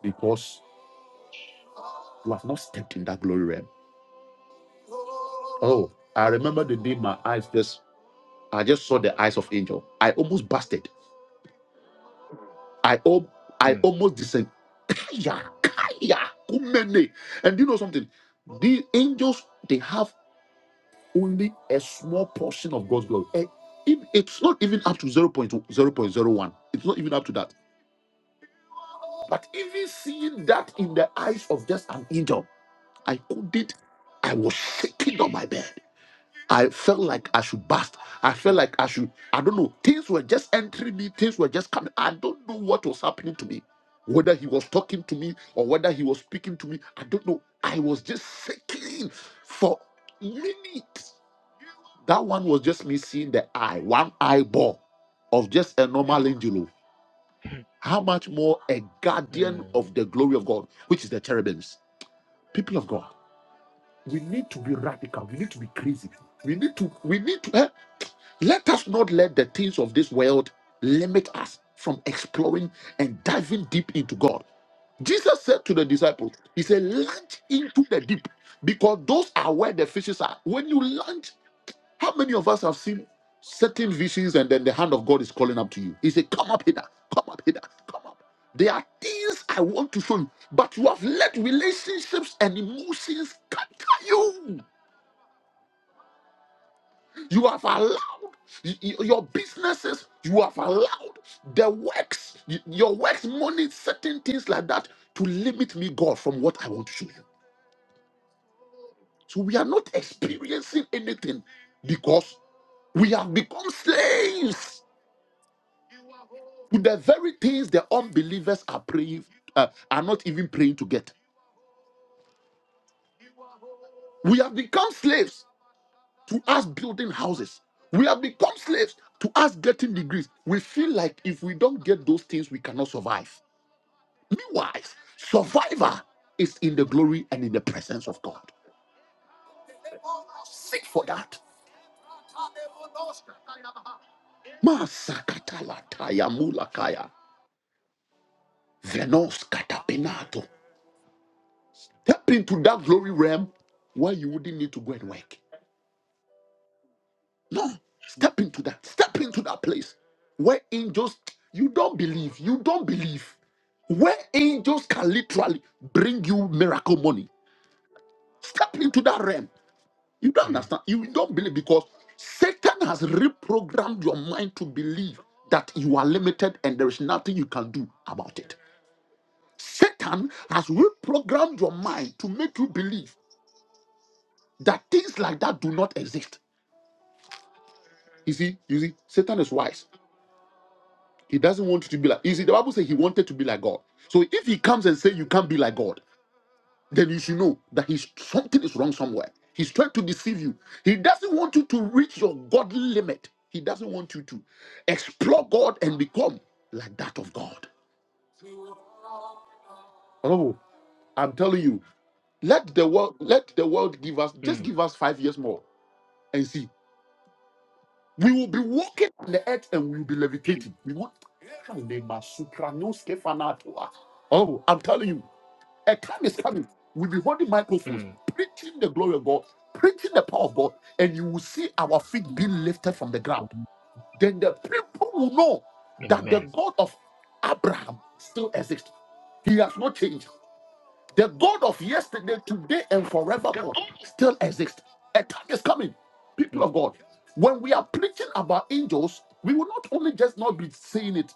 because you have not stepped in that glory realm. Oh, I remember the day my eyes just I just saw the eyes of angel. I almost busted. I al- I almost descend. Kaya, kaya, kumene. And do you know something? The angels they have only a small portion of God's glory. Eh, it- it's not even up to zero point zero point zero 0.0.01. It's not even up to that. But even seeing that in the eyes of just an angel. I couldn't. I was shaking on my bed. I felt like I should bust. I felt
mm,
like I should. I don't know. Things were just entering me. Things were just coming. I don't know what was happening to me. Whether he was talking to me or whether he was speaking to me, I don't know. I was just shaking for minutes. That one was just me seeing the eye, one eyeball of just a normal angel. How much more a
mm,
guardian
mm,
of the glory of God, which is the cherubims, people of God. we need to be radical we need to be crazy we need to we need to eh, let us not let the things of this world limit us from exploring and diving deep into god jesus said to the disciples he said launch into the deep because those are where the fishes are when you launch how many of us have seen certain visions and then the hand of god is calling up to you he said come up here come up here come up there are things i want to show you but you have let relationships and emotions capture you You have allowed y- y- your businesses, you have allowed the works, y- your works, money, certain things like that to limit me, God, from what I want to show you. So we are not experiencing anything because we have become slaves to the very things the unbelievers are praying, uh, are not even praying to get. We have become slaves to us building houses. We have become slaves to us getting degrees. We feel like if we don't get those things, we cannot survive. Meanwhile, survivor is in the glory and in the presence of God. Seek for that. Masakatalataya mulakaya. Venos katapinato. Step into that glory realm where you wouldn't need to go and work. No, step into that. Step into that place where angels, you don't believe, you don't believe. Where angels can literally bring you miracle money. Step into that realm. You don't understand. You don't believe because Satan has reprogrammed your mind to believe that you are limited and there is nothing you can do about it. Satan has reprogrammed your mind to make you believe that things like that do not exist. You see, you see, Satan is wise. He doesn't want you to be like. You see, the Bible says he wanted to be like God. So if he comes and say you can't be like God, then you should know that he's something is wrong somewhere. He's trying to deceive you. He doesn't want you to reach your godly limit. He doesn't want you to explore God and become like that of God. Oh, I'm telling you, let the world let the world give us just give us five years more and see. We will be walking on the earth and we will be levitating. We won't. Oh, I'm telling you. A time is coming. We'll be holding microphones,
mm, mm,
preaching the glory of God, preaching the power of God, and you will see our feet being lifted from the ground.
mm.
Then the people will know that the
Amen.
God of Abraham still exists. He has not changed. The God of yesterday, today, and forevermore still exists. A time is coming, people
Amen.
of God. When we are preaching about angels, we will not only just not be saying it,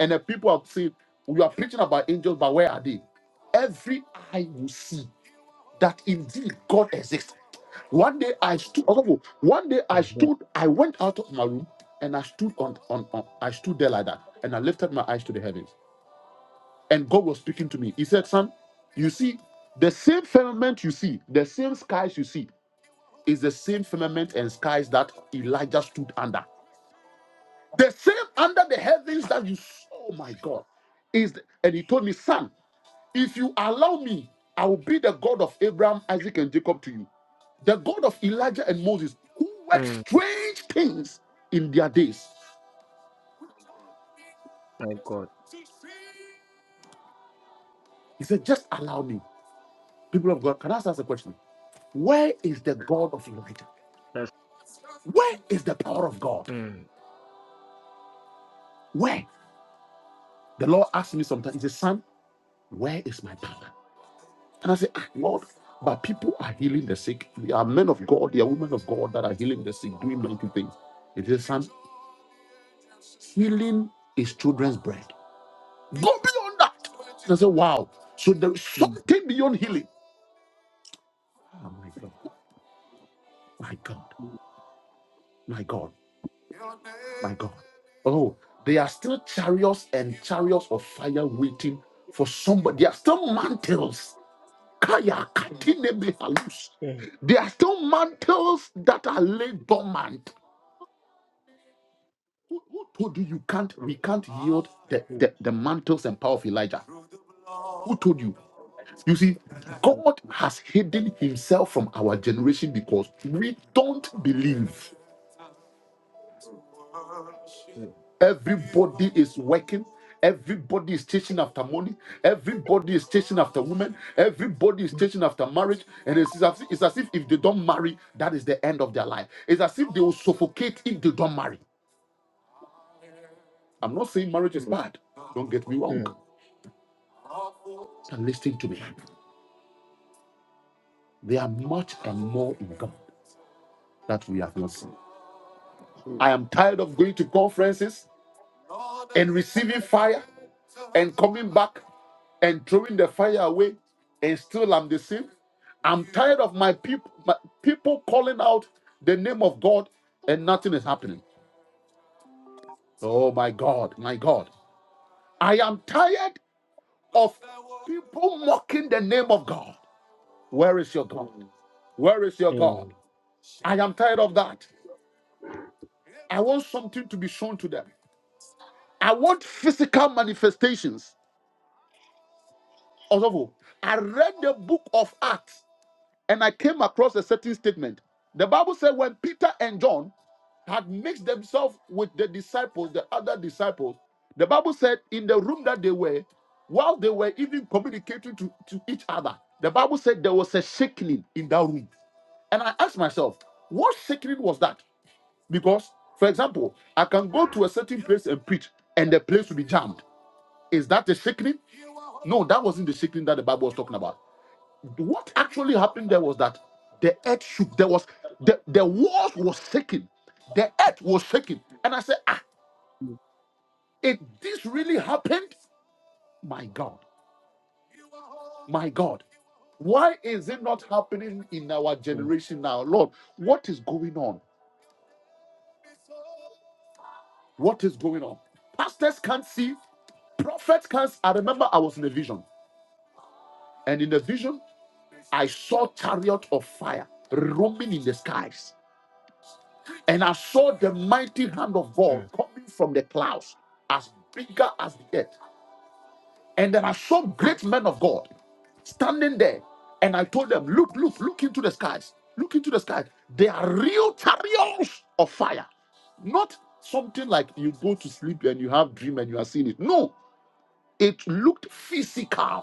and the people are saying, We are preaching about angels, but where are they? Every eye will see that indeed God exists. One day I stood, although, one day
Mm,
I stood,
Amen.
I went out of my room and I stood on, on, on I stood there like that, and I lifted my eyes to the heavens and God was speaking to me. He said, Son, you see, the same firmament you see, the same skies you see, is the same firmament and skies that Elijah stood under. The same under the heavens that you saw, oh my God. Is the- and he told me, Son, if you allow me, I will be the God of Abraham, Isaac, and Jacob to you. The God of Elijah and Moses, who worked
Mm,
strange things in their days.
my God.
He said, Just allow me. People of God, can I ask us a question? Where is the God of Elijah?
That's
Where is the power of God?
mm,
Where? The Lord asked me sometimes, He said, Son, where is my power? And I said, ah, Lord, but people are healing the sick. They are men of God, they are women of God that are healing the sick, doing mighty things. He said, Son, healing is children's bread. Go beyond that. And I said, Wow. So there is
mm,
something beyond healing. Oh my God, my God,
mm,
my God, my God. Oh, they are still chariots and chariots of fire waiting for somebody. They are still mantles Kaya katine behalus.
mm, mm, mm,
There are still mantles that are laid dormant. Who, who told you you can't we can't yield the, the, the mantles and power of Elijah? Who told you? You see, God has hidden himself from our generation because we don't believe.
mm,
Everybody is working. Everybody is chasing after money. Everybody is chasing after women. Everybody is chasing after marriage. And it's as, if, it's as if if they don't marry, that is the end of their life. It's as if they will suffocate if they don't marry. I'm not saying marriage is bad. Don't get me wrong.
mm, mm,
And listen to me. There are much and more in God that we have not seen. I am tired of going to conferences. and receiving fire and coming back and throwing the fire away and still I'm the same. I'm tired of my people my people calling out the name of God and nothing is happening. Oh my God, my God. I am tired of people mocking the name of God. Where is your God? Where is your God? I am tired of that. I want something to be shown to them. I want physical manifestations. Also, I read the book of Acts and I came across a certain statement. The Bible said when Peter and John had mixed themselves with the disciples, the other disciples, the Bible said in the room that they were, while they were even communicating to, to each other, the Bible said there was a shaking in that room. And I asked myself, what shaking was that? Because, for example, I can go to a certain place and preach, and the place will be jammed. Is that a shaking? No, that wasn't the shaking that the Bible was talking about what actually happened there was that the earth shook. There was the, the walls was shaking. The earth was shaking. And I said, ah,
mm,
if this really happened, my God, my God, why is it not happening in our
mm,
generation now? Lord, what is going on? What is going on? Pastors can't see, prophets can't. I remember I was in a vision, and in the vision, I saw chariot of fire roaming in the skies. And I saw the mighty hand of God
mm.
coming from the clouds, as bigger as the earth. And then I saw great men of God standing there. And I told them, Look, look, look into the skies. Look into the skies. They are real chariots of fire. Not something like you go to sleep and you have dream and you are seeing it. No, it looked physical.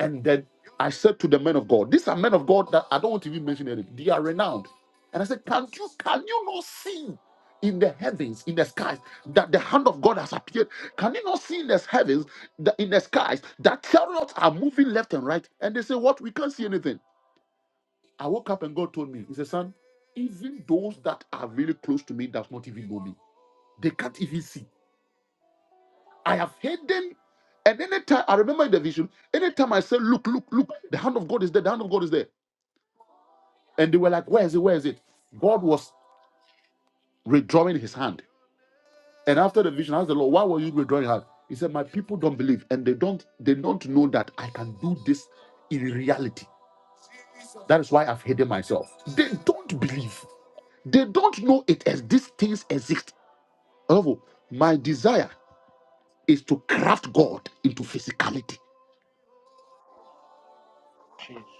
And then I said to the men of God, these are men of God that I don't want to even mention any. They are renowned. And I said, Can you can you not see in the heavens, in the skies, that the hand of God has appeared? Can you not see in the heavens, that in the skies, that chariots are moving left and right? And they say, What? We can't see anything. I woke up and God told me, He said, Son, even those that are really close to me does not even know me. They can't even see. I have hidden. And anytime I remember in the vision, anytime I say, Look, look, look, the hand of God is there, the hand of God is there. And they were like, Where is it? Where is it? God was redrawing his hand. And after the vision, I asked the Lord, Why were you redrawing your hand? He said, My people don't believe, and they don't they don't know that I can do this in reality. That is why I've hidden myself. They don't believe. They don't know it as these things exist. However, my desire is to craft God into physicality.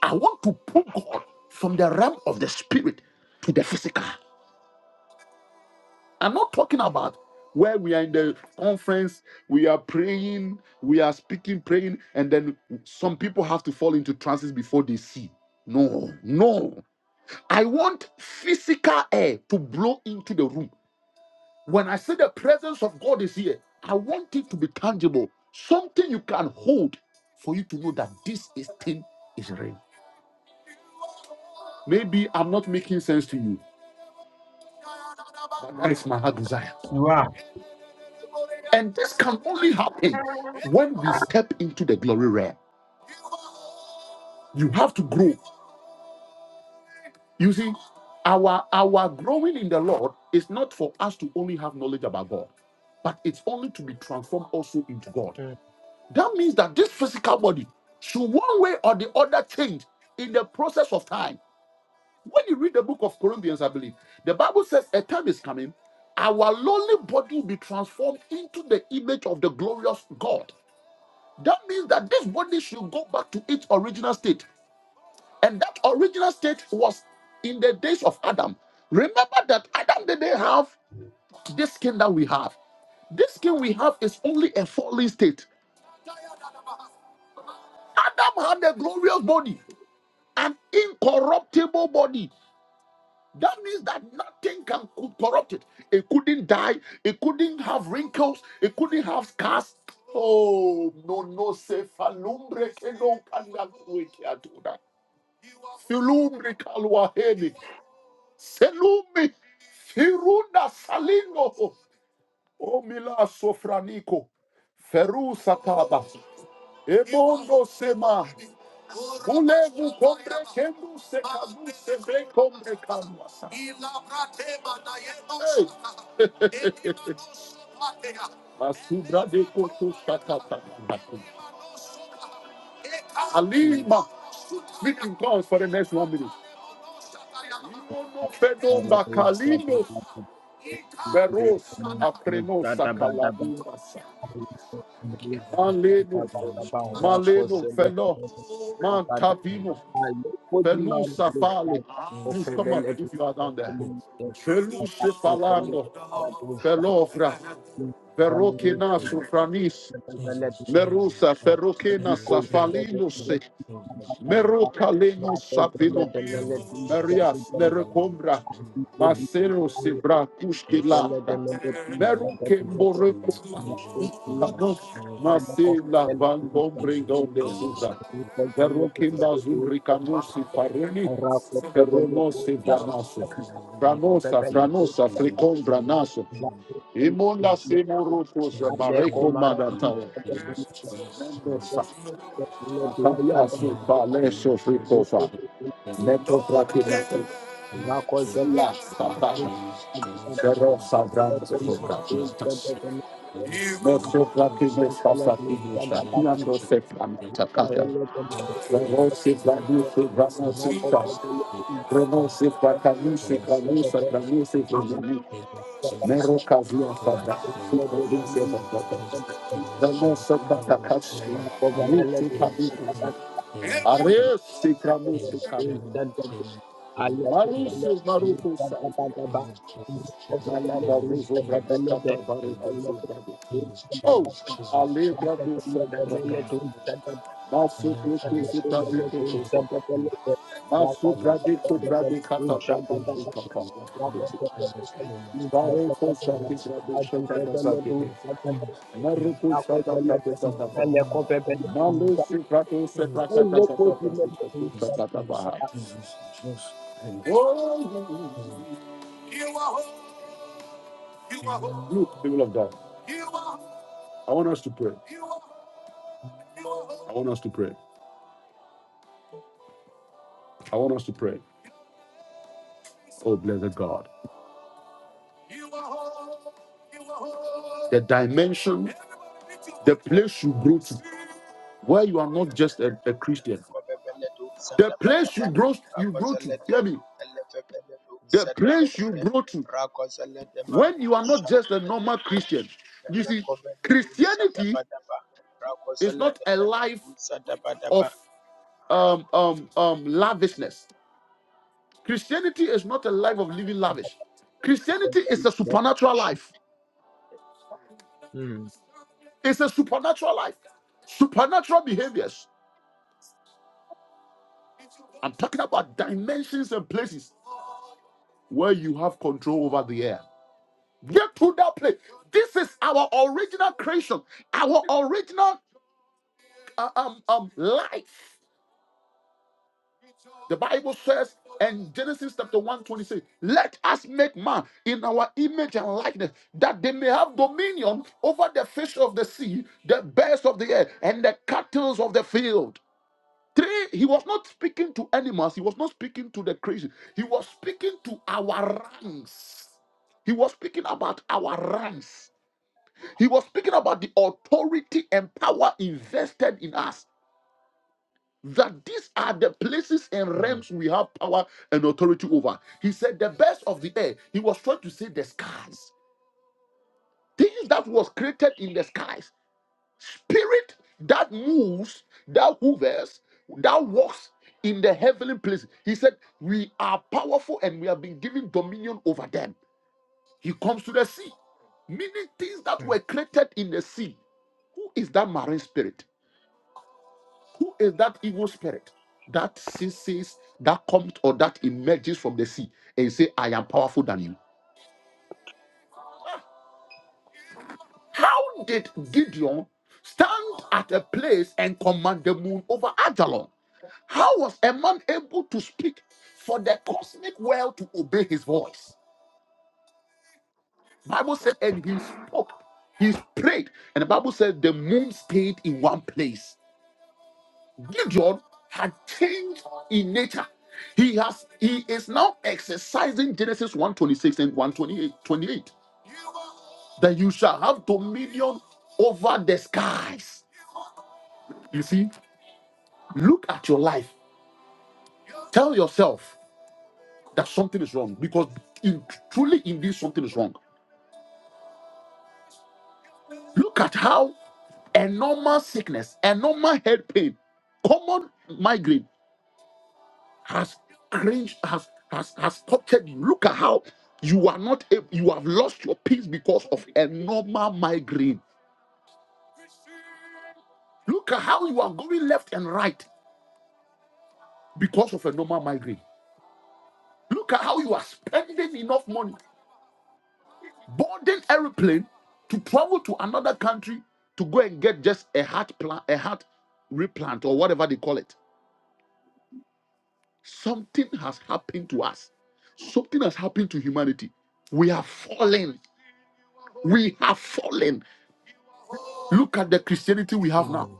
I want to pull God from the realm of the spirit to the physical. I'm not talking about where we are in the conference, we are praying, we are speaking, praying, and then some people have to fall into trances before they see. No, no. I want physical air to blow into the room. When I say the presence of God is here, I want it to be tangible, something you can hold for you to know that this is thing is real. Maybe I'm not making sense to you, but that is my heart desire.
You are.
And this can only happen when we step into the glory realm. You have to grow. You see, our our growing in the Lord is not for us to only have knowledge about God, but it's only to be transformed also into God.
Mm,
That means that this physical body should one way or the other change in the process of time. When you read the book of Corinthians, I believe the Bible says a time is coming, our lowly body will be transformed into the image of the glorious God. That means that this body should go back to its original state. And that original state was in the days of Adam. Remember that Adam didn't have this skin that we have. This skin we have is only a fallen state. Adam had a glorious body, an incorruptible body. That means that nothing can co- corrupt it. It couldn't die. It couldn't have wrinkles. It couldn't have scars. Oh, no, no, se falumbre que no can Filumri Kalwahedi. Selumi. Firunda Salingo. Omila sofraniko, Feru Sataba. Ebondo Sema. Ulevu kombre kembu se kabu se bre kombre kalwasa. Masubra de koto shakata. Alima, speak in tongues for the next one minute. Imono fenomba kalino
mm. Thank
veros apreno sakalamuras. Maleno,
Jesus, Jesus,
maleno felo, mantavino,
Jesus,
felusa fale.
Jesus, Jesus, Jesus,
Please
Jesus,
come up if you are down there. Feluce falando, felovra, verokena sufranis, merusa, ferokena
Jesus, Jesus,
safalinos,
Jesus, Jesus, Jesus,
merokaleno savino. Marias Lerecombra, Marcelo Sibra Pushkilata, Meruke Morecoma,
you.
Marcela
Thank
Van Bombringon de Sibra, Verokimba Zumricamusi Paroni, Ferronosi Branaso, Franosa, Franosa, Fricom Branaso, Imunda Simurutus, Mareco Madatao, Mendoza, Mataya Sufa, Leso Fricofa, Neto Fratina, Pero sabrán de sus prácticas. No se practiquen estas prácticas, no está. Tirando se practican. Pero se practican las noticias.
you.
Pero se practican las
Thank
noticias, las noticias. Mero casio sabrá, su provincia sabrá. Pero se practican Lutu kabukus. Ares si kamusu kaba. Marusu maruku sai. Malava vizu vradi kata baruku Oh, Ali Bradu Sedaraka.
Lord,
Basu
Lord, show
Kutu Sibradu Kutu Saka. Basu Bradu Kutradu Kata Bradu
you.
Sitaka.
Rakozele
Bare Kosa Kisradu Shaka Dazadi. Maruku Sada Bradu Sada Bradu. Malu Sibradu Sebraka Dazada Bradu Kutu Saka Dabaha. Oh, you are hope. You are hope. Look, people of God, I want us to pray. I want us to pray. I want us to pray. Oh, blessed God. The dimension, the place you grow to, where you are not just a, a Christian. The place you grow, you grow to, hear me. The place you grow to, when you are not just a normal Christian. You see, Christianity is not a life of um, um, um, lavishness. Christianity is not a life of living lavish. Christianity is a supernatural life. It's a supernatural life. Supernatural behaviors. I'm talking about dimensions and places where you have control over the air. Get to that place. This is our original creation, our original uh, um, um, life. The Bible says in Genesis chapter one twenty six, let us make man in our image and likeness, that they may have dominion over the fish of the sea, the birds of the air, and the cattle of the field. Three, he was not speaking to animals, he was not speaking to the crazy, he was speaking to our ranks. He was speaking about our ranks. He was speaking about the authority and power invested in us. That these are the places and realms we have power and authority over. He said the best of the air. He was trying to say the skies. Things that was created in the skies. Spirit that moves, that hovers, that walks in the heavenly place. He said, We are powerful and we have been given dominion over them. He comes to the sea. Many things that were created in the sea. Who is that marine spirit? Who is that evil spirit that ceases, that comes or that emerges from the sea and say, I am powerful than you? How did Gideon stand at a place and command the moon over Ajalon? How was a man able to speak for the cosmic world to obey his voice? Bible said, and he spoke, he prayed, and the Bible said the moon stayed in one place. Gideon had changed in nature. He has he is now exercising Genesis 126 and 128 28. twenty-eight, That you shall have dominion over the skies. You see, Look at your life. Tell yourself that something is wrong because in, truly, indeed, something is wrong. Look at how a normal sickness, a normal head pain, common migraine has cringed, has has has tortured you. Look at how you are not ab- you have lost your peace because of a normal migraine. Look at how you are going left and right because of a normal migraine. Look at how you are spending enough money boarding aeroplane to travel to another country to go and get just a heart plant, a heart replant or whatever they call it. Something has happened to us. Something has happened to humanity. We have fallen. We have fallen. Look at the Christianity we have now.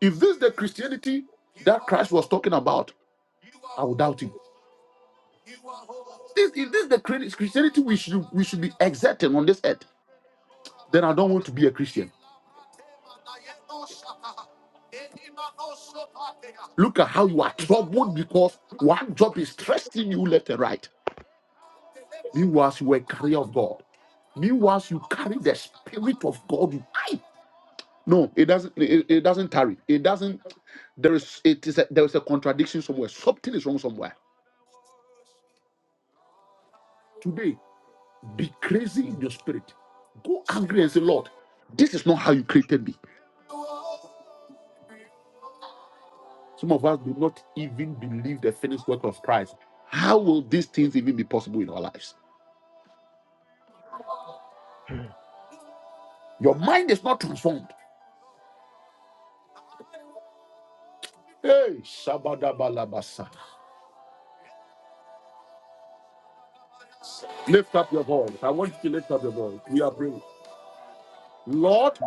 If this is the Christianity that Christ was talking about, I would doubt him. This, if this is the Christianity we should we should be exerting on this earth, then I don't want to be a Christian. Look at how you are troubled because one job is stressing you left and right. Meanwhile, you were a carrier of God. Meanwhile, you carry the spirit of God. with You no, it doesn't. It, it doesn't tarry. It doesn't. There is. It is. A, there is a contradiction somewhere. Something is wrong somewhere. Today, be crazy in your spirit. Go angry and say, Lord, this is not how you created me. Some of us do not even believe the finished work of Christ. How will these things even be possible in our lives? Your mind is not transformed. Hey, Shabadabalabasa. Lift up your voice. I want you to lift up your voice. We are praying. Lord,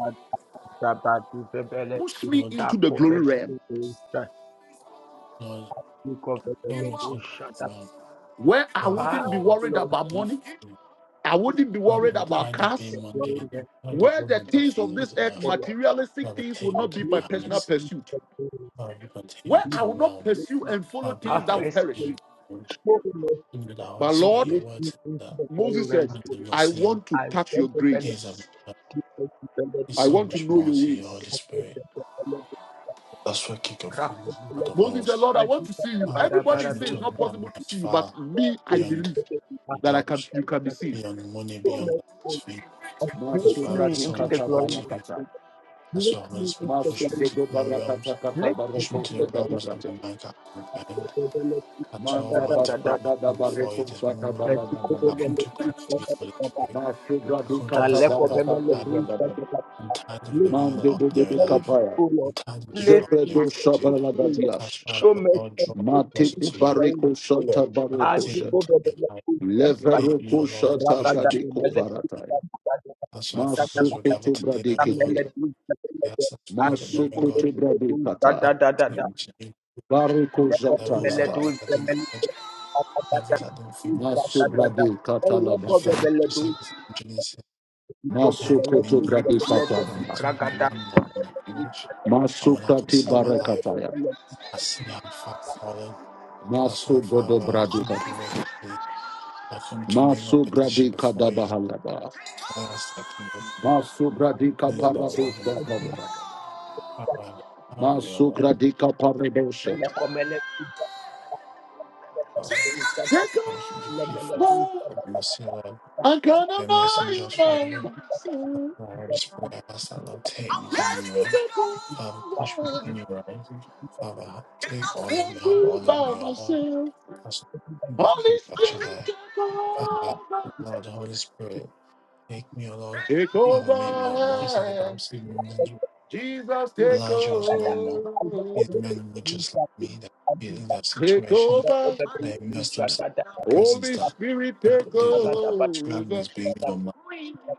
Sabati Febele,
push me into the
Sako
glory realm
Febele, Sako Febele,
me to come
Shada,
around.
where I
Heavenly
wouldn't be
Father,
worried
Fablo,
I
about
come
money.
before you.
I wouldn't be
Father,
worried
I'm
about
tired of
cars.
being mundane. I'm tired of
Where
going
the
with my
things of this
fingers
earth,
off.
materialistic
Father,
things, will
take me
not
to
be my
the
personal
honest.
pursuit.
Father, take me
Where I
to a
will not
realm
pursue and follow
far
things
beyond
Half
that will
mercy,
perish.
everything.
O Lord. show me mercy
Give me the Holy
But
and
Spirit,
Lord,
your
place
word
me
says
into
that
the glory
Moses said,
realms,
eyes
O
have
Lord.
not
I
seen,
want to
and
touch
let
your
the belly
ears have not
grace.
heard.
keep us dependent
There's
I
in
so
want to
much
know
more
your
to you, Holy
ways.
the
Spirit.
belly,
That's where King of
practice
Kings,
the
Lord
belly,
of
Moses said,
Hosts,
Lord, I
and
want
keep
to
us
see
the
you.
Father,
bara
Everybody
push
bara
says
me to
it's
those
a
not
that
long
possible to see you, but
far
are
me, I
put to
beyond
believe
the belly, and
that I can
push
jobs,
you can be
the
seen.
beyond money, beyond all
belly.
these things. Because
Bless
Father,
me
there's
Masubradi
so
into the
much
kata
more
glory of
to
your
you.
barakata.
kingdom.
That's
Bless
why Holy
me into
Spirit
the
push me
glory of
to
your
Masubradi
lower
kingdom.
realms,
barakata kata
Bless me
push me
barako
into
to
the
the
shada
realms that
barate.
my mind can't comprehend. That's why
Manda
Almighty God, I
basada da
come before you
bareko
this
shada
moment. I
baraganda.
come to cry to you, Holy Spirit. I
Masubradi
come to
kata
ask that Lord. I
barakatu shada.
I'm tired of living an
Mande de de
ordinary
de
life.
kapaya.
glory
I'm tired of being an ordinary
Zepredo
Christian.
shabala
That's
gadias.
why I will Lord draw me
Mate
closer to you.
bareko
Heavenly
shata
Father,
bareko
take me
shada.
to your light. Take me, O
Leveroko
Lord, and
shata
push me to you.
bradeko varata.
That's why
Show
fathers
me
will gather
Masukoto
today, O
Thank
Lord.
bradekete.
We ask the Spirit of the living
Masukoto
God. Father,
bradekata.
take me to you.
Bariko
Levels that
zatalaba.
Lord, I didn't imagine, levels I didn't think were
Masu
possible.
brade
Because
katalabasa.
Father, you said in Genesis, you have
Masukoto
dominion.
brade
He said,
katalaba.
Let us make man now in our image. And when I
Masukati
consider my life,
barakataya.
I see how far fallen. That's why,
Masu bodo
Father, I come to
bradekata.
make I come to make my
Masu brade
petition before you.
kadabahalaba.
I ask that King of do.
Masu brade
please, Lord,
kaparade
have mercy.
katabara.
Father, help me, O Lord.
Mareboshe.
Father, I ask you to plead for,
Jacobo,
for mercy, Lord.
I got a
Your mercy endures
mind
forever.
on myself.
Father, Holy Spirit, I ask that Lord take me to a
Yes,
new realm. Father, push me
Jacobo.
to a new realm. Father, ha- take all of
Yes,
me, have
you
all of me,
love
O Lord.
yourself.
That's the King of
Holy
Kings, El
Spirit,
Shaddai.
take
Father,
over.
Lord, Holy Spirit. Take me, O Lord.
Take
Father, make me not more, says the Bible.
over.
Speak me,
Jesus, take
Elijah was no more. These
over.
men were just like me, that feeling that
Take
situation.
over.
They immersed
you.
themselves in the presence
Holy
Ragada
that
Spirit,
the,
take
the, the Bible described
over.
as being no more.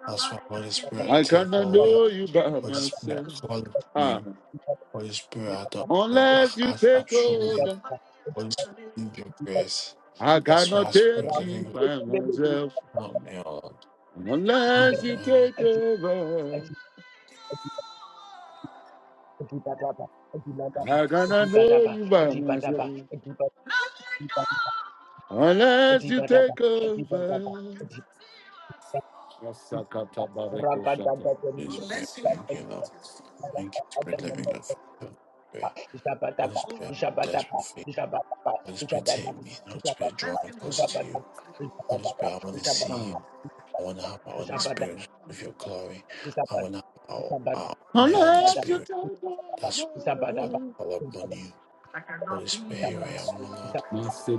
That's why Holy Spirit
I
take
cannot
over.
know you by
Holy Spirit,
myself.
I call upon
Ah,
you. Holy Spirit, I don't, I,
unless you
I, I'm
take
struggling.
over,
Holy Spirit, need your grace.
I
That's why
cannot
Spirit
take you
Living God
by myself.
help me out. Help
Unless
me, my
you
man.
take over. I can to know you by myself unless you take over? Masakata bareko shata.
Please be thank you, Lord. Thank you, Spirit, living love.
Jabadaba,
Pray. Holy
Jabadaba,
Spirit, I'm
Jabadaba,
desperate for you.
Jabadaba,
Holy Spirit,
Jabadaba,
take me. Holy Spirit, draw me closer to
Jabadaba,
you. Holy
Jabadaba,
Spirit, I
Jabadaba,
want to
Jabada,
see you.
Ah.
I want to have my own
Zabada,
experience with your glory. I want to have our, our, my own
Unless you
experience.
take over.
That's what I call upon you. Holy Spirit, here I am, O Lord.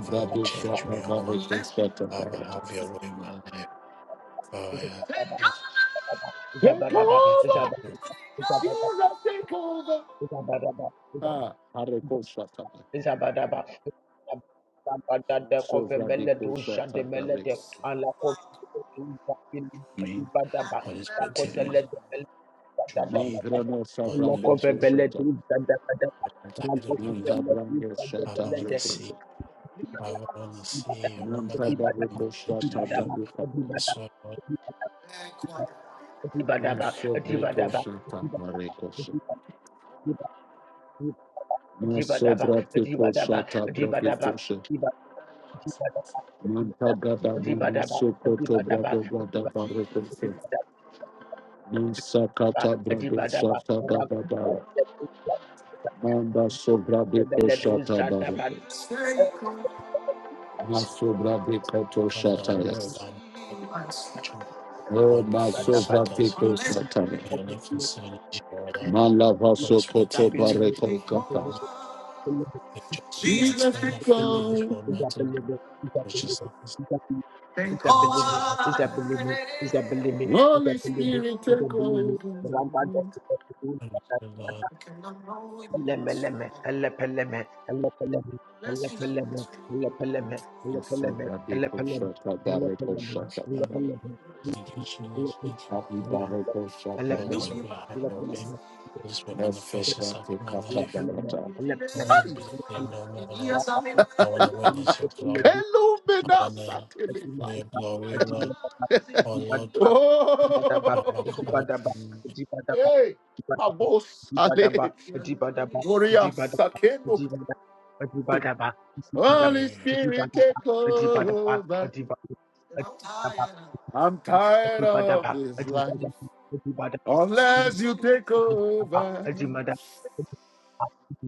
Father, change
shata
me, O Lord.
bareko shata
Father,
barata.
have your way in my life. Father, Lord,
Zabada, Zabada, Zabadaba,
Take
Zabadaba,
you
Zabadaba,
over,
can draw
Jesus, take over.
Zabadaba,
Ah, Areko Shataba.
Zabadaba, Zabadada,
Sovra de
Confemele, Dusha, de
Koshataba
Melete,
Rex.
Ala, Confemele, Dusha,
me. Holy Spirit, take me,
Badaba,
draw
Dibadaba,
me.
Mandrano
Lord,
Savrando Koshata.
I'm tired of that.
Mantabrando
Father, I want
Shataba
to see.
Rekosa.
Father, see. life and
Mantabareko
next to
Shataba
you.
Rekapa.
That's why I
Masobra Koshataba Rekosa. Masobra Koshataba Rekosa. Mantagada Mama Sokoto Brado Gada Barekosa. Misakata brado shata bababara. Manda sobra beko shata barako.
was
Maso brabe kato
not down the
shataya.
world about children
Oh,
all
Thank
before the
maso
sort
you.
brabe
as you
shataya.
and your next concern is your Lord.
Mala
Holy
vaso
Spirit
koto
take me to
bareko kata.
the job to the matter
Jesus
when
is
offending is
God.
what matter which is not
Take
vanity is not
over. Holy Spirit, take over.
vanity, Lord.
I cannot know you. Bless you. Soka deko shaka dareko
Thank
shaka
you, Lord. Thank you, Jesus. Thank you for
Abi
you are.
bareko shaka
Holy
dareko
Spirit have your way. Holy Spirit
Eso
manifest yourself
brate
in my
kasa
life.
barata
I
Adimadaba,
want to be the same no more, Lord. I want to witness your glory. I
Kelumina
wanna
satilifa
be glory, Lord, oh Lord, Father,
Oh
call upon you,
Hey Abos Ale Gloria Sakendo Holy
glory.
Spirit take over I'm tired of this life Unless you take over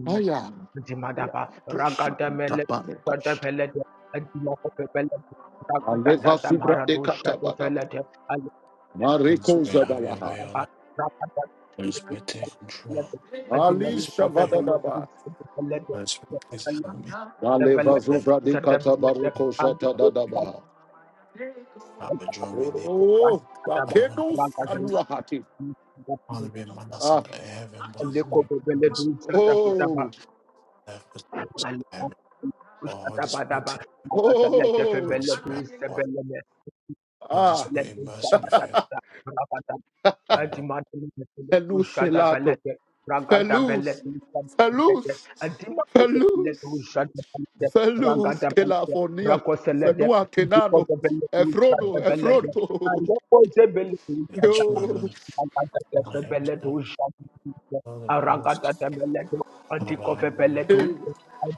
Aya.
Dimadaba, Ragadamele,
Tushakatabarekos.
Gadapelete, and Dimopelete,
Aleva
Ragadadam
subra de
Haradu
katabadaba.
Shatafelete, and
Holy
Mareko
Spirit, have your
zabalaha.
way, oh Lord. Holy Spirit, take control. Holy
Ali
Azimel
Spirit,
of the
here I am.
shavadadaba.
Bellet,
Holy Spirit, please help me.
the
Aleva
Help
Bellet,
me.
zuvra de
Zatabelete,
katabareko
and
Help
the
me.
shatadadabaha.
Father, draw me near.
Oh,
I don't want to be
bakenos
the same.
Ragadam,
anuahati.
I want to be a man that's
Ah,
in heaven, but
and the
it's living in
Cobellet,
oh,
life was heaven. Oh, Holy Spirit,
Ushadabadaba,
take
Magasalete
oh,
Holy
Febele
Spirit,
to
have all.
Sebeleme,
Holy
ah,
Spirit,
Letu
immerse me for your
Sabadata, Rabata,
son, Lord.
Adimatum,
elusilato.
Ushadabelete, Ragada
Pelus,
Belete, Sabelete,
Pelus,
Adimakotelete,
Pelus,
Ushadabelete,
Pelus,
Ragada Belete,
California,
Holy
Rakoselete,
Fenua Kenano,
Dikobelete,
Spirit,
Efrodo,
give
Ushadabelete,
me
and
Efrodo.
Yoko
the
Zebelete,
answer,
Yo,
Lord.
Zedebelete,
I am Lord. Father, host of our
hey,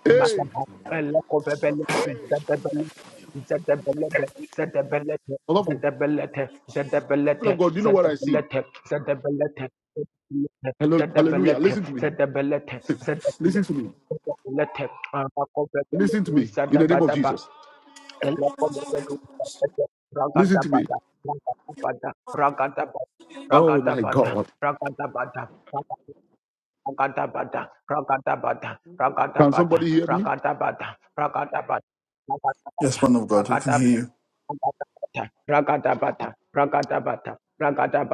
Holy
hey.
Spirit, we help.
Olavo, people of God, do you know what I see? Hello, hallelujah. Listen to me. Listen to me. Listen to me. In the name of Jesus.
Ragada-bada,
Listen to me.
ragada-bada, ragada-bada,
Oh my God.
ragada-bada, ragada-bada, ragada-bada,
Can somebody
ragada-bada,
hear me?
ragada-bada, ragada-bada, ragada-bada,
Yes, man of God, who can hear you.
ragada-bada, ragada-bada, ragada-bada, ragada-bada,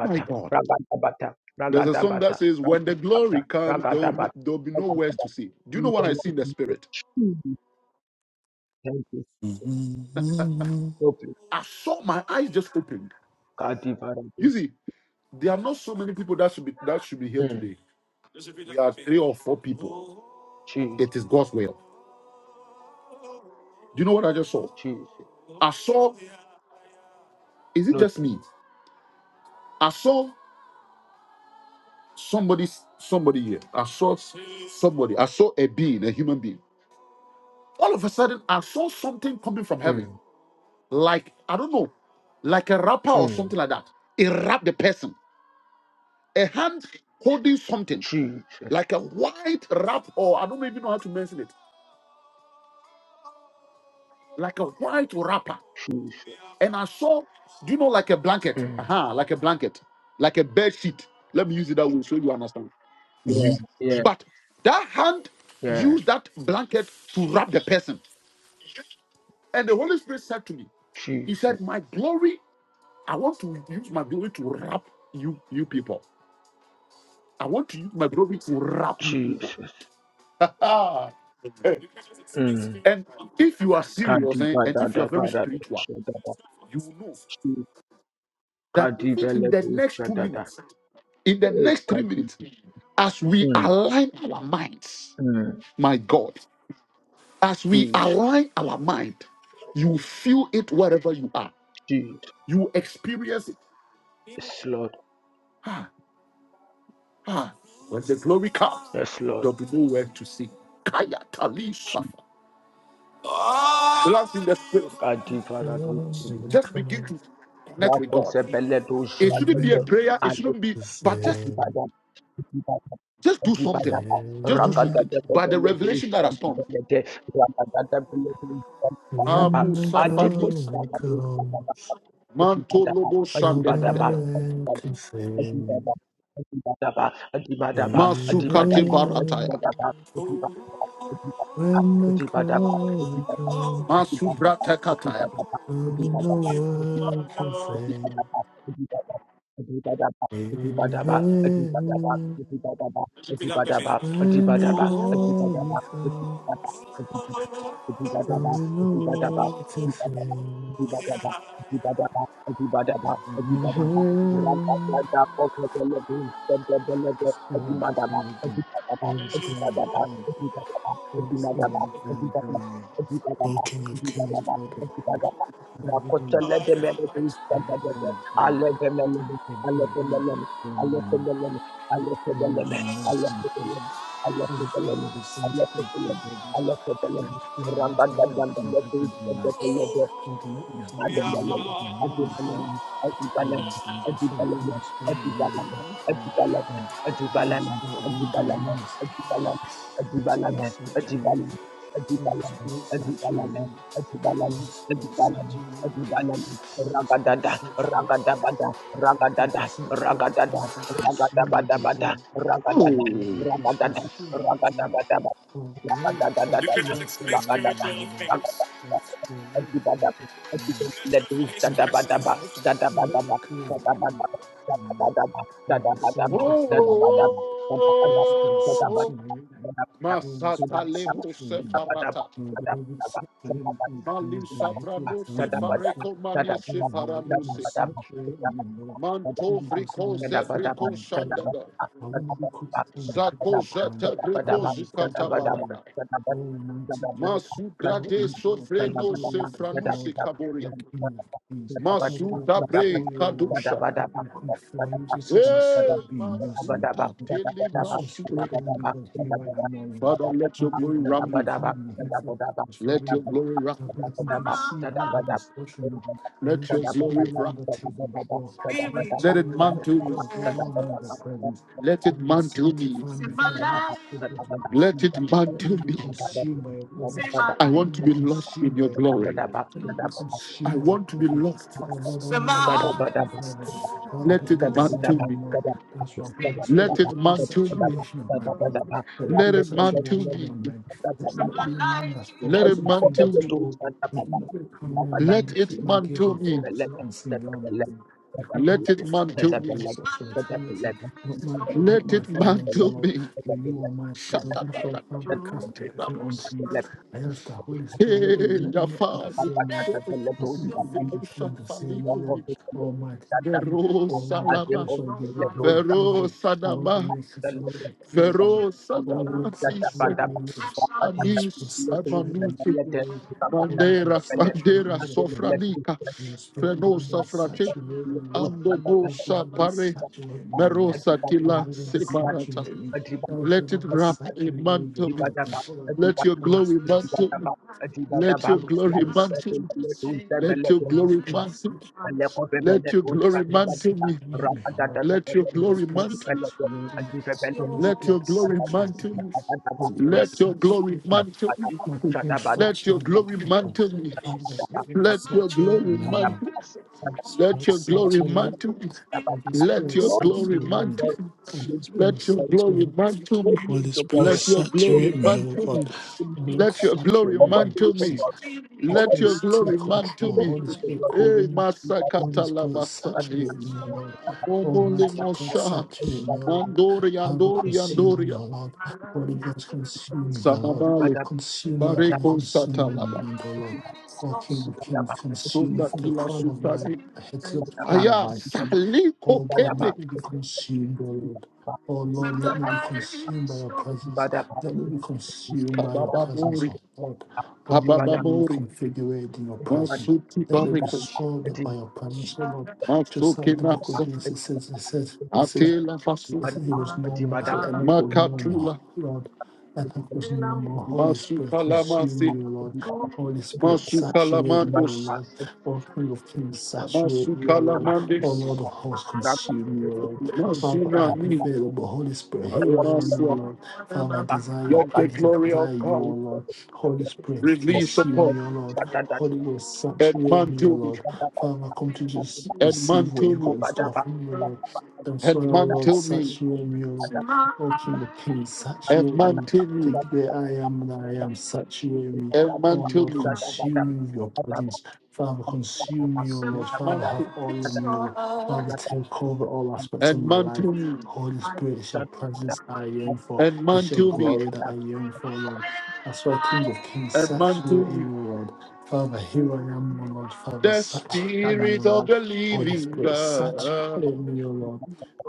My God.
ragada-bada,
There's a song that
ragada-bada,
says, When the glory comes, there will, no,
ragada-bada,
there will be no words
ragada-bada.
to see. Do you know what I see in the spirit?
In the name of Jesus, Thank you. So,
hmm
so please,
I saw my eyes just opened.
God,
You
divine.
see, there are not so many people that should be that should be here today. There are three or four people.
Jesus,
It is God's will. Do you know what I just saw?
Jesus.
I saw. Is it
No,
just me? I saw somebody. Somebody here. I saw s- somebody. I saw a being, a human being. All of a sudden, I saw something coming from heaven,
mm,
like I don't know, like a wrapper or
mm,
something like that. It wrapped the person. A hand holding something,
Jesus,
like a white wrap, or I don't even know how to mention it like a white wrapper.
Jesus.
And I saw, do you know, like a blanket?
Mm,
Aha, like a blanket, like a bed sheet. Let me use it that way so you understand.
yeah, yeah,
But that hand
yeah.
used that blanket to wrap the person. And the Holy Spirit said to me, He said,
Jesus,
My glory, I want to use my glory to wrap you, you people. I want to use my glory to wrap you people.
Jesus. Mm.
and if you are serious eh,
Kadiba
and
da
if you are
da ba
very
da da
spiritual,
sha da da.
you will know
Chi-
that even
Kadiva
in the
do
next
sha
two
da da.
minutes. In the
Eh,
next three
Kadi.
minutes, as we
Mm,
align our minds,
mm.
my God, as we
Jesus,
align our mind, you feel it wherever you are.
Jesus.
You experience it.
Yes, Lord.
Ah, ah. When the glory comes,
Yes, Lord.
there'll be nowhere to see. Kaya Tali
Chi-
Safa. Relax in the spirit.
Kadiva da do sha da da.
Just begin to connect with God.
Rakose bele do
It
sha da
shouldn't be a prayer. It
da.
shouldn't be, but just
Adibada, Adibada,
just do
Adibada,
something. Just do something. By the revelation that has come.
Rakadadadadadadadadadadadadadadada,
Ah,
Rakadadadadadadadadadadadadada,
When the
Musa Fanisa.
glory comes,
Mantolobo
there'll be no
Adibadadadadadadadadadada,
Shandebedebe.
one can sing.
Adibadaba, Adibadaba, Adibada- Adibada, Adibadaba, Adibadaba,
Masukate
Adibadaba,
When
Barataya.
Adibadaba,
the
Adibadaba,
glory
Adibadaba,
comes,
Adibadaba, Adibadaba,
Masubrata Kataya.
there'll be no one can
Adibadaba,
sing.
Adibadaba, Adibadaba, Adibadaba, Adibadaba, Adibadaba, Adibadaba, Adibadaba, Adibadaba, Adibadaba, Adibadaba,
When the
Adibadaba,
Oh.
glory
Adibadaba,
comes,
Adibadaba,
so
Adibadaba,
in the
Adibadaba,
world to sing.
Adibadaba, Adibadaba,
And in
Adibadaba,
heaven,
Rangkaiaga Pokebelebe,
the
Pokebelebe,
Spirit of
Adibadaba,
heaven,
Adibadaba,
Holy Spirit, Holy
Adibadaba, Adibadaba,
Spirit, Holy
Adibadaba,
Spirit,
Adibadaba,
Holy Spirit.
Adibadaba,
O King of Kings,
Adibadaba,
Lord of Lords,
Adibadaba,
Father, Holy,
Makotelebe, Melebe,
King of
Pokebelebe,
Glory, and
Alebe,
and glory only to
Melebe,
the
Allah
King,
Sallama,
Holy
Allah
Spirit, only be
Sallama,
immersed
Allah
in the presence.
Alefebeleme,
Holy Spirit,
alefebeleme,
only
alefebeleme,
be sanctified in
alefebeleme,
the presence.
alefebeleme, alefebeleme.
Holy Spirit, I ask that love,
Rangadagadam,
when it comes into life.
alefebeleme,
Ultimately,
Ragadada,
helpful mind and human trust in those that serve and human Holy Spirit, I want to be immersed. Holy Spirit saturating. me. Holy saturating. me. Holy saturating. me. Holy
Ragadada,
saturating. me.
Ragadada,
Father, saturate me. Father, God, was
Ragadada,
consumed, Lord. Father, let your cloth be wrapped around me, O Lord. Holy
Ragadada, let
around
do Ledu
let
Shadabadaba,
let your
Shadabadaba,
curse come. upon
Shadabadaba,
me.
Shadabadaba,
We will
Shadabadaba,
Oh,
sanctify me,
oh,
Shadabadaba, Shadabadaba,
Lord. Holy Spirit,
Shadabadaba, Shadabadaba,
oh, oh.
saturate me. Holy
Shadabadaba,
Masata
Spirit,
lemo
saturate me.
Shadabadaba,
sefarata.
And will be saturate me from the crown of my
Malisa
head to the
brano
crown of my foot
sefareko mane
in in such a such way,
Manto
Holy Ghost, I
vriko
want to be covered
zebriko
in your presence.
shandaba.
I want to be covered from my head to
Zako
the crown.
jete
I
briko
want
Shadabadaba, Shadabadaba,
to be
zikata
covered all
Shadabadaba,
in
barada.
Shadabadaba,
all mighty God,
Masu
Shadabadaba,
all
grade
ancient of
Thank
days,
sovreno
all Lord of
sefranusi
Lord,
kaboria.
all King of Kings. Lord,
Masu
we come
dabre
before you, O Lord.
kadusha.
We are come before you, Jesus, just
Hey,
be immersed in
Masu
your presence.
tateli
And so,
masu.
Spirit of the living God, here I am, O Lord.
Father, let your
Father God,
glory
we know
wrap
you
me.
called me here for a purpose, for a
Let your
reason.
glory wrap
Father
me.
God, I come to receive all you have instruction. I
Let
ask
your
the spirit
glory
of living
wrap. me.
God, take control. And that's why
Let it
you let it
mantle
be
me.
overwhelming in the presence.
Let it
Lord God,
mantle me.
sanctify me from the head to the foot of my
Let
feet.
it
Let me
mantle
be
me.
consumed by your glory.
I
Let
want to
me be
be lost in
consumed by
your
your
glory.
glory. Let me be
I
consumed by your
want to be
presence.
lost.
Oh Lord, only more like you, Father.
you.
Father, that
Let
you
it
will
Thank
say
mantle
no
me.
more. That's why Holy Spirit,
Let
let
it
there be a
mantle me.
saturation of my body. Let there
Let
be a
it mantle
saturation of
me.
my mind. Let me not be a man that's
Let it
focused on the things
mantle
of
me.
this world let me not nothing come on, man,
Let
but
it
keep my gaze
mantle
and
me.
focus not on seeing the armor. Because
Let
I've
it
got
mantle
whatever,
me.
that's what's for eternity. Not my job, not
Let
my
it
finance, oh
mantle
Lord,
me.
but you, Almighty.
Shut
And
up.
that's why, Father, I cast everything onto you. I ask the Holy Spirit, oh,
Hey,
let me not be the
Yafan.
same, oh God. Let me not leave this room the same, oh Lord. Almighty King,
Vero
oh Lord of
Salama,
hosts, oh giver of
you.
life, and
Vero
the Lord that
Sanama,
makes us, the Lord of peace, oh
Vero
Lord,
Sanama, Dice,
saturate me, Lord. Holy Spirit,
Anis,
saturate
Amanuki,
me Holy
Bandera,
Ghost, saturate
Bandera,
in your presence.
Sofranica,
In your spirit, we
Frenosa
will
Frate,
saturate me, Lord. Oh, God,
Andobosa
Lord,
Pare,
saturate me, Lord.
Merosa Gila,
Father, Lord,
Separata.
saturate me. El
Let
Shaddai,
it wrap
Adiba
a
saturate me in your
mantle me.
presence. Hold on,
Let your
on this
glory
place,
mantle me. Let your
on this
glory
place,
mantle me. Let your
on this
glory
place,
mantle me. Let your
on this
glory
place,
mantle me.
saturate me, Lord.
Let your
Holy
glory
Spirit,
mantle.
saturate me. Holy
Let your
Spirit,
glory
saturate
mantle
me.
me.
Holy
Let
Ghost,
your
saturate
glory
me.
mantle me.
Holy
Thank
Ghost,
Let your
saturate me,
glory
Lord.
mantle me.
Father, Lord,
Let your
saturate
glory
me, Lord.
mantle.
Holy
Let
Spirit,
your glory
saturate.
mantle me.
Holy
Let
Spirit,
your glory
saturate me.
mantle me.
Holy Spirit,
Let your glory
saturate me.
mantle me.
Holy Spirit,
Let your glory
saturate me, oh
mantle
God.
me.
Lord,
Let your
saturate
glory
me with your
mantle
presence.
me. Let
Spirit,
your glory
take
mantle
control.
me.
Holy Spirit, cover
Hey,
me. Holy
Masakata
Spirit,
Labasai.
saturate me, O Lord.
Omole
Almighty God,
Mosha,
saturate me, O Lord.
Mandori
Power
Andori
consume me,
Andoria,
O Lord. Holy Ghost, consume me, O Lord.
Samamale,
Consume my body,
Bareko
consume my
Satalaba,
mind, O Lord. O King of Kings, consume me
Sunda
from the
Kila
crown of my
Sutani,
head to the crown of
Aya
my feet.
Saliko
O God,
Kende,
let me be consumed, O Lord. O Lord, let me be consumed by your presence. Let me be consumed by your presence,
Kababamori,
O Lord. Oh Lord, let me be
Ababamori,
configured in your presence.
Masuti
Let me be
Barekos,
swallowed up by your presence, oh Lord. Just
Masuke
like the book of
Nasa,
Genesis says, it says, it says
Atela Fasu,
Yes, is, it was normal. I said, and it was normal.
Makatula,
Lord, ethnic was normal. Holy Spirit, consume
Masukalamasi,
me, O Lord. Holy Spirit, saturate me, O
Masukalamandos,
Lord.
you.
O King of Kings, saturate me, O Lord. O
Namasukalamandis,
Lord of hosts, consume me, O Lord. Father, I am
Masunani,
available. Holy Spirit, here I am, O
Aremasua.
Lord. Father, I desire your
Let the
presence. I
glory
desire
of
you, O
God
Lord. Holy Spirit,
release
consume
upon
me, O
me
Lord. Holy Ghost,
and
saturate me, O
mantle me,
Lord. Father, I come to just
and
receive what
mantle
you got
me,
in store for me, O Lord. That's why,
and
oh Lord,
mantle me,
saturate me, O Lord. O King of Kings,
and
saturate me.
mantle me,
Take the I am that I am, saturate me.
and
Oh
mantle
Lord,
me,
consume me with your presence. Father, consume me, O
and
Lord. Father, have
mantle,
all in me, O Lord. Father, take over all aspects of
and
my life.
mantle me,
Holy Spirit, it's your presence I am for.
and
It's your
mantle me,
glory that I am for, Lord. That's why, King of Kings,
and mantle
saturate
me,
me, O Lord. Father, here I am, O Lord. Father,
The
saturate me, O
Spirit of
Lord.
the
Holy
Living
Spirit,
God,
saturate me, O Lord.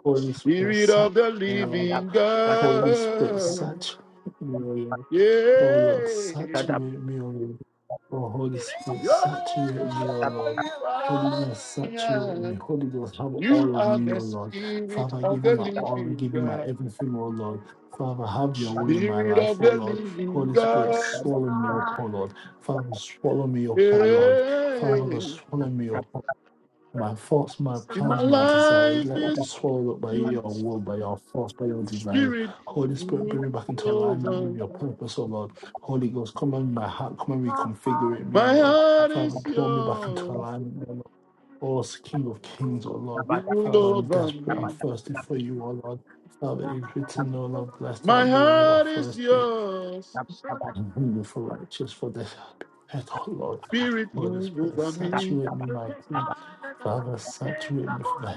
Holy Spirit,
Spirit
saturate,
of the
Lord.
Living
Holy Spirit,
God,
saturate me, O Lord. Oh Lord,
yeah,
saturate me, O Lord. Oh Holy Spirit,
you're
saturate
the
me, O
one
Lord. Holy Ghost,
you
saturate me.
are,
Holy Ghost, have
You
all of
are
me,
the
O Lord.
Spirit
Father, I
of
give you
the
my all, I
Living
give you my
God,
everything, O Lord. Father, have your way in my
Spirit of
life, O
the
Lord.
Living
Holy Spirit,
God,
swallow me up, O Lord. Father, swallow me up, O Lord. Father, God,
yeah.
swallow me up. My thoughts, my
In my
plans, my desires,
life
let it be
is
swallowed up by your
you,
will, by your force, by your desires.
Spirit,
Holy Spirit, bring me back
rule
into alignment with your
over.
purpose, O Lord. Holy Ghost, come on my heart, come and reconfigure it, me, O
My
Lord.
heart
Father,
is
draw me back into
yours.
alignment, O Lord. O King of Kings, O Lord.
You rule
Father, I'm
over
desperate, I'm
me.
thirsty for you, O Lord. Father, it's written,
Thank
O Lord, blessed are
My
those who are
heart is
thirsty
yours. Spirit
and hungry for the earth, O Lord. Holy
move over me.
Father,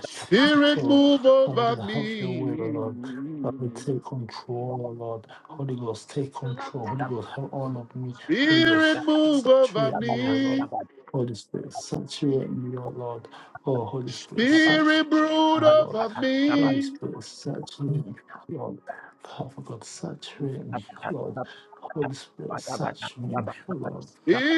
Spirit move
Father, O
over me.
Lord. Father, take on, Lord. Holy me, Holy Ghost,
Spirit move
Tree,
over
Lord,
me.
Holy Spirit, thank you, Lord. Oh, please search,
Spirit
me,
brood
oh Lord.
over me.
Holy Spirit, search me, oh Lord. Father God, saturate me, oh Lord. Holy Spirit, search me, oh Lord.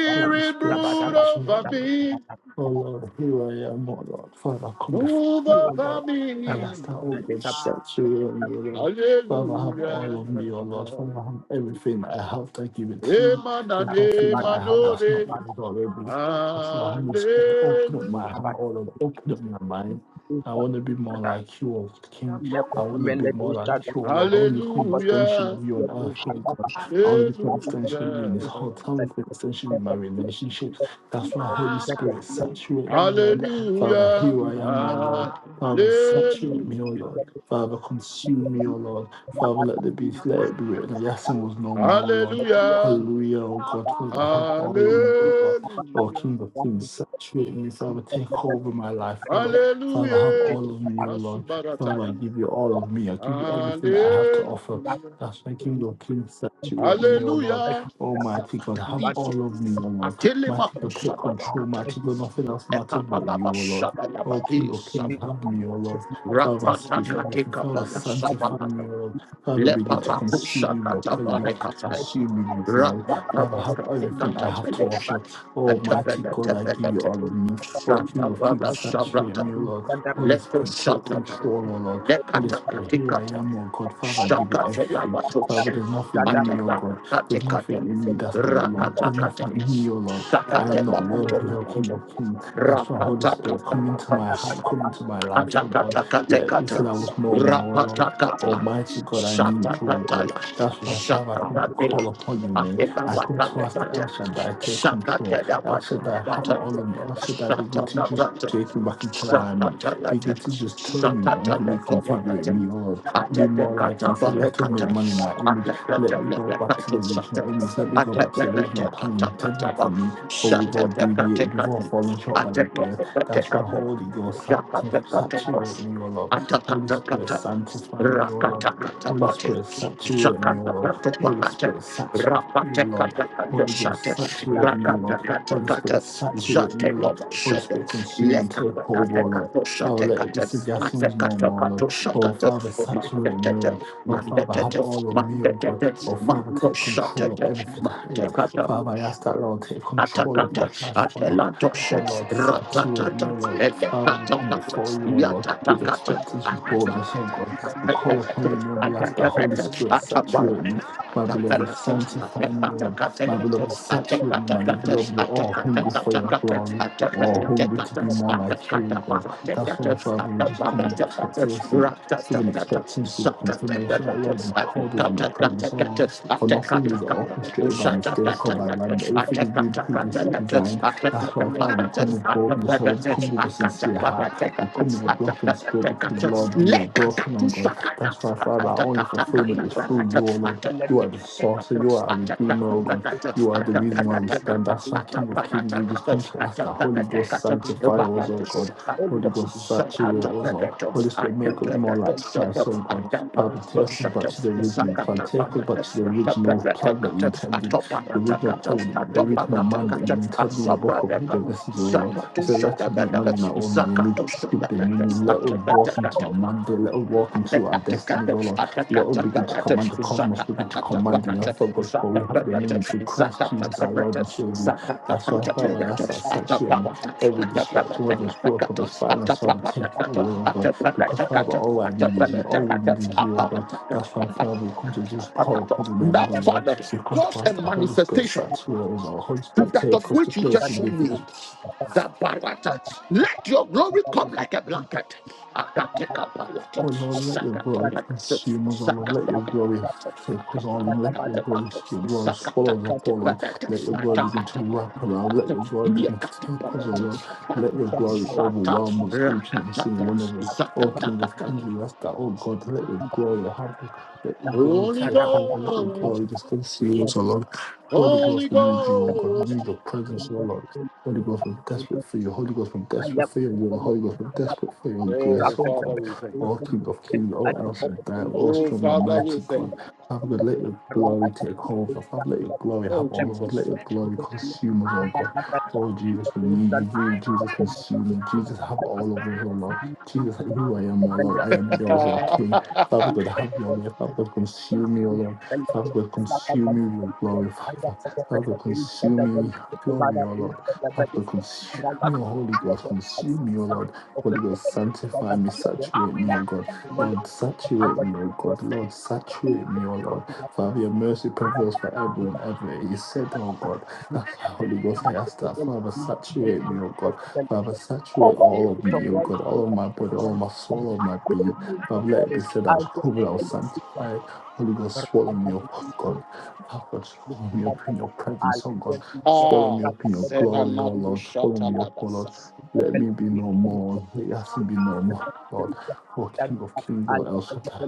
Holy Spirit,
brood
search me,
over
Lord.
me.
Oh Lord, here I am, oh Lord. Father, come before
Move
you, oh
over
Lord. I
me.
ask that all good saturate me, oh Lord. Father, have
Hallelujah.
all of me, oh Lord. Father, have everything I have that I give it to you.
Emana
There's
ne
nothing that I have that's not
manore.
yours already. That's not Holy Spirit. Open up my hand,
Thank
oh Lord. Open up my mind. I want to be more like you, oh King. I want to be more
Hallelujah.
like you, oh Lord. I want to become an extension
Hallelujah.
of you on earth, oh God. I want to become an extension
Hallelujah.
of you in this hotel. I want to become an extension in my relationships. That's why, Holy Spirit, saturate me, O Lord. Father,
Hallelujah.
here I am, O Lord. Father, saturate me, O
Hallelujah.
Lord. Father, consume me, O Lord. Father, let the be, let
you.
it be written. that Yasin was no more, O Lord.
Hallelujah.
Hallelujah, O God. Father, have all of me, O Lord. O
Hallelujah.
King of Kings, saturate me, Father. Take over my life, O Lord. Father, have
Hallelujah.
all of me, O Lord. Father,
Masubarataya.
I give you all of me. I give you everything that I have to
Hallelujah.
offer. That's why King of Kings, saturate me, O Lord.
Hallelujah.
Almighty God, have
Safakaliso.
all of me, O Lord. Mighty God, take
Atelebakusa
control.
balakata.
Mighty God, nothing else matters but
Ekabalaba
you, O Lord. O King
shabalabati
of Kings,
sapo.
have me, O Lord. Father, give
Rapatakate
everything. Father,
kabala
sanctify
sabalata.
me, O Lord. Father, begin to consume
Leparakusha
me with your presence. Begin to
katabarekata.
consume me with your glory. Father, have
Rapatabakate
everything I have to
katabeloshe.
offer. Almighty
Atepele
God, I give you
tepelete.
all of me. O King of Kings,
Satabala
saturate
sabrata.
me, O Lord.
Shut
Holy
Leko
Spirit, take
satata.
control, O Lord. Holy
Lekata
Spirit, here I
katikata.
am, O God. Father, I give you
Shaka Fela
everything.
Batush,
Father, there's nothing in me, O
Atala
God. There's
Katikata,
nothing in me that don't belong.
Rakata
There's nothing
Kata,
in me, O Lord. I am
Sakatela
not worthy of King of
Batula
Kings. That's why Holy
Rakata
Spirit come into
Kata,
my heart, come into my life, oh God. Let it
Atakatakataka,
said I was normal, oh Lord.
Rapatakata,
Almighty God, I need you, oh God.
Shatakataya,
That's why, Father, I come to
Shakatatila,
call upon you, man. I come to ask the El
Atikawatamekata,
Shaddai, take control. El Shaddai, have
Shakatayawatamakata,
all of me. El Shaddai, begin to just
Shatatatata,
take me back into alignment.
Shatatalata,
Begin to just turn me and reconfigure
Shatataletomanata,
me, oh Lord. Be more like you. He said, let us
Atakatabarekata,
make money in our image. Let me go back to the
Atakatabarekata,
original
Shata-
image. Let me go back to the original plan you intended
Atakatakatakataba,
for me for we've all deviated, we've all fallen short by your grace. That's why
Shatakatakatakata,
Holy Ghost sancti- saturate
Shakatakatapos.
me, O Lord. Holy Spirit
Atakatakatabas.
sanctify me, O Lord. Holy
Rakatakatabote.
Spirit saturate me, O Lord. Holy
Zakatakatabakate.
Spirit saturate me, O Lord. Holy
Rapatakatakatosate.
Ghost saturate me, O Lord. Holy Spirit
Rakatakatakatas.
saturate me, O Lord. Holy
Zatelobashate.
Spirit consume and take over, O Lord. Father, let it be
Lekatakatakatosatekate.
suggestions no more, Lord. Oh,
Atakatakatusakate.
Father, saturate me, O
Mandetete.
Lord. Oh, Father, have
Mandetete.
all of me, O God.
Mandetete.
Oh, Father, take control of everything I am.
Mandosatete.
Father, I ask that Lord take control of
Atakata,
my life, oh Lord. Oh
Atelantosha,
Lord, saturate
Ratatata,
me, oh Lord. Father, we come
Elekatakata,
before you, oh Lord, with expectance, with boldness, oh
Yatatakata,
God. We call upon your name. We ask the Holy Spirit saturate me. My beloved, sanctify me, oh Lord. My beloved, saturate me. My beloved, we're all hungry for your glory. We're all hungry to be more like you, oh God. That's why, Father, we just come with expectation, with an expectance, with confirmation that, Lord, you called us in your presence, oh Lord. For nothing is orchestrated by mistake or by random. Everything is being pre-designed. That's why, Father, we come with boldness, Lord. We come with a sincere heart. We come with a broken spirit because, Lord, we are
let
broken, oh
Zakato
God. That's why, Father, our
Shadabada,
only fulfillment is through you, oh
Zakato
Lord. You are the source, you are our redeemer, oh God. You are the reason why we stand. That's why, King of Kings, we just come to ask that Holy Ghost sanctify us, oh God. Holy Ghost saturate us, oh Holy Spirit, make us more like Christ, oh God. Father, take us back to the original plan. Take us back to the original plan that you intended, the original plan, the original man that you intended in the book of Genesis, O Lord. You said, let us make man in our
Shadabada,
own image
Zakato
with dominion. Let us walk into our
Shadabada,
mandate. Let us walk into our
that
destinies, O Lord. Let us begin to command the cosmos, begin to command the earth, of God, for we have dominion through Christ Jesus, our Lord and Savior. That's why, Father, that's our saturate me. Every distraction, whether it's work, whether it's finance, Father, take it away, O God. Because Father, all I need is you. All we need is you, oh God. That's why, Father, we come to just call upon the name of the Lord.
Father,
We come to
cause a
ask the Holy Spirit
manifestation
saturate us, our Holy
to
Spirit
that of
take us to
which you just
places
showed
where we think
me
is possible.
Dabarata. Let your glory come like a blanket. Akateka barata.
Oh Lord, let your glory
Sakatapakata.
consume us, O Lord. Let your glory
Zakatapakata.
take us all in. Let your glory,
Akatapakata.
your glory swallow us up, O Lord.
Zakatakatakata.
Let your glory begin to
Akatapakata.
wrap around. Let your glory begin to take us, oh
Yekatapakata.
Lord. Let your glory
Sata.
overwhelm us, each and every single
Rakatata.
one of us. Oh King of Kings,
Zakatakata.
we ask that, oh God, let your glory have let your glory
Holy
take over. Let your
Ghost,
glory just consume us, O Lord. Holy
Holy
Ghost, we need you, O God. We
Ghost.
need your presence, O Lord. Holy Ghost, we're desperate for you. Holy Ghost, we're
Thank
desperate for your will. Holy Ghost, we're desperate for your grace,
Oh,
oh God.
Father, we thank
O King of Kings, O El Shaddai,
you.
O
Oh,
strong and
Father, we
mighty
thank
God.
you.
Father God, let your glory take over. Father, let your glory have
Oh,
all of us. Let
Jesus.
your glory consume us, oh God. Oh Jesus, we need you. You, Jesus, consume me. Jesus, have all of us, oh Lord. Jesus, who I am, oh Lord, I am yours, oh King. Father God, have
you.
your way. Father God,
Thank
consume me, oh Lord. Father God, consume me with your glory, Father. Father God, consume me with your glory, oh Lord. Father God, consume me, oh Holy Ghost. Consume me, oh Lord. Holy Ghost, sanctify me, saturate me, O God. Lord, saturate me, O God. Lord, saturate me, O Lord. Father, your mercy prevails forever and ever. It is said, O God. That's why, Holy Ghost, I ask that. Father, saturate me, O God. Father, saturate all of me, O God. All of my body, all of my soul, all of my being. Father, let it be said I was covered, I was sanctified. Holy Ghost, swallow me up, O
you.
God. Father,
Show me
swallow me
mercy
up in your presence,
and
oh God. Swallow me up in your glory,
Sevana
oh Lord. Swallow
Kushata
me up, oh
Labasa.
Lord. Let me be no more. Let me be no more, Lord. O King of Kings, O El Shaddai.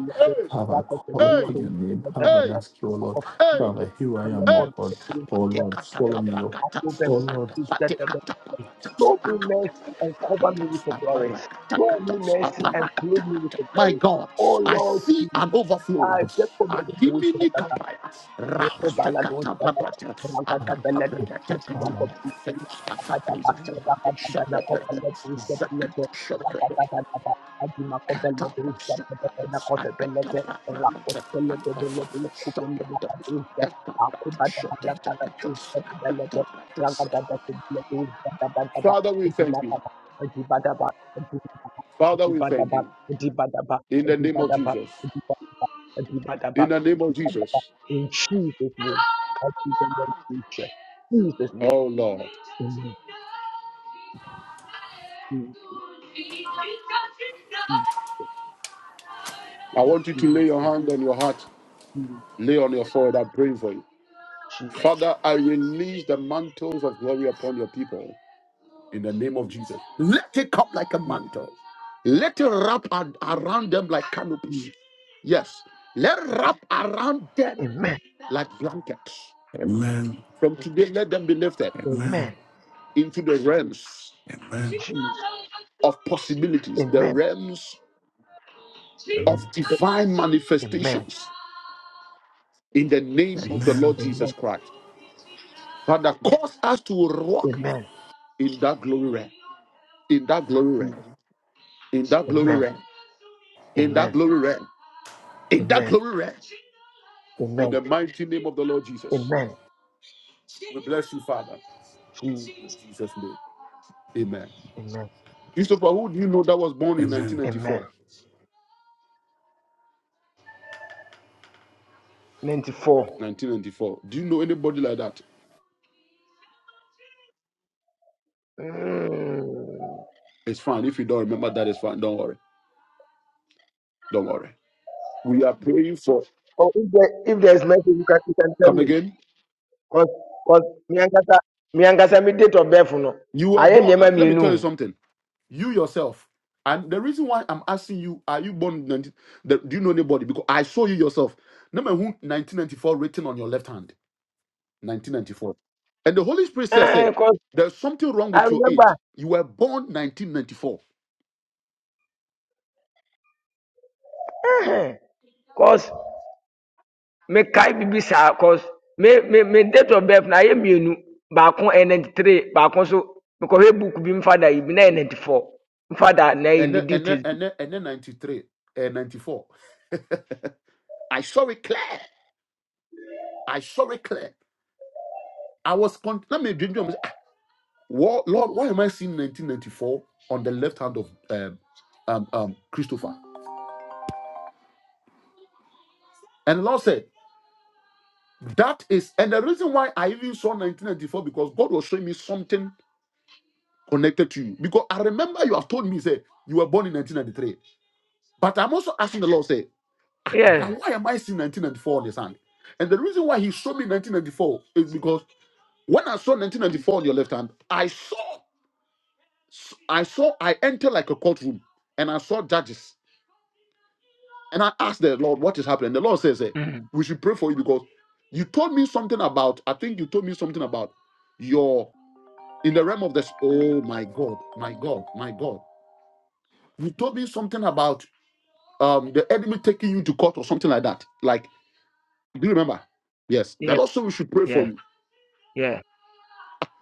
Father, I call
Hey,
upon your name.
hey,
Father,
hey,
I ask you, O Lord.
hey,
Father, here I am, O
hey.
God. O
Sapate
Lord, swallow me up.
katakapakata.
O Lord.
Akapate katapakata. Akapate
cover me with your glory. Show me mercy and clothe me with your
My
glory.
God,
Oh
I
Lord,
see an overflow.
I step from
Adimini
the
kapaya,
Thank
rakatakatabarata, akatabarakatakatabarata, akapuzatabarata, shabarata, zakatashabarata, katabashabarata, akatabarata, akatabarata, shabarata, akatabarata. Father, we thank you. Father, we thank you. In the name of Jesus. in the name of
you.
Jesus.
In Jesus' name, I see them in the future. Jesus' name.
Oh Lord.
Amen. Jesus,
I want you to lay your
Jesus,
hand on your heart, lay on your forehead. I'm praying for you.
Jesus,
Father, I release the mantles of glory upon your people in the name of Jesus. Let it come like a
Jesus,
mantle. Let it wrap ar- around them like canopies.
Jesus.
Yes. Let it wrap around them
Amen.
like blankets.
Amen.
From today, let them be lifted
Amen.
Amen.
into the realms
Jesus.
of possibilities, the
Amen.
realms of
Amen.
divine
Amen.
manifestations in the name of the Lord Jesus
Amen.
Christ. Father, cause us to walk
Amen.
in that glory realm, in that glory
Jesus.
realm, in that
Amen.
glory
Amen.
realm, in that
Amen.
glory realm, in that
Amen.
glory realm, in
Amen.
the mighty name of the Lord Jesus. We bless you, Father.
Jesus.
In Jesus' name. Amen.
Amen.
Christopher, who do you know that was born in
Amen.
1994?
94.
1994. Do you know anybody like that?
Mm.
It's fine. If you don't remember that, it's fine. Don't worry. Don't worry. We are praying for.
Oh, if there, if there is message, you can, you can tell
Come
me.
again.
Because, because, me and Kata, me and me date of birth, no.
You were
I am the
born. Let,
man,
let
you
me tell you something. You yourself. And the reason why I'm asking you, are you born in 19, the, do you know anybody? Because I saw you yourself. Number who 1994 written on your left hand. 1994. And the Holy Spirit says, hey,
Because
there's something wrong
I
with your
remember,
age. You were born 1994.
because me kai bibi saa, because me me me date of birth na ye mienu baako ɛyɛ ninety three, baako so me mekɔhwɛ book bi mfa da yi bi na ɛyɛ ninety four, mfa da na yi
And
ne
then and then
details bi.
and then and then 93. And 94. I saw it clear. I saw it clear. I was con- let me dream. Ah, what, Lord, why am I seeing 1994 on the left hand of um, um, um, Christopher? And the Lord said, That is, and the reason why I even saw 1994 because God was showing me something connected to you. Because I remember you have told me, say, you were born in 1993. But I'm also asking the Lord, say, "Ah,
Yeah,
but why am I seeing 1994 on his hand? And the reason why he showed me 1994 is because when I saw 1994 on your left hand, I saw. s- I saw, I entered like a courtroom and I saw judges. And I asked the Lord, what is happening? The Lord says, hey,
mm,
we should pray for you because you told me something about, I think you told me something about your, in the realm of this. Oh my God, my God, my God. You told me something about um the enemy taking you to court or something like that. Like, do you remember? Yes. The
yeah,
Lord said we should pray for
yeah,
you.
yeah.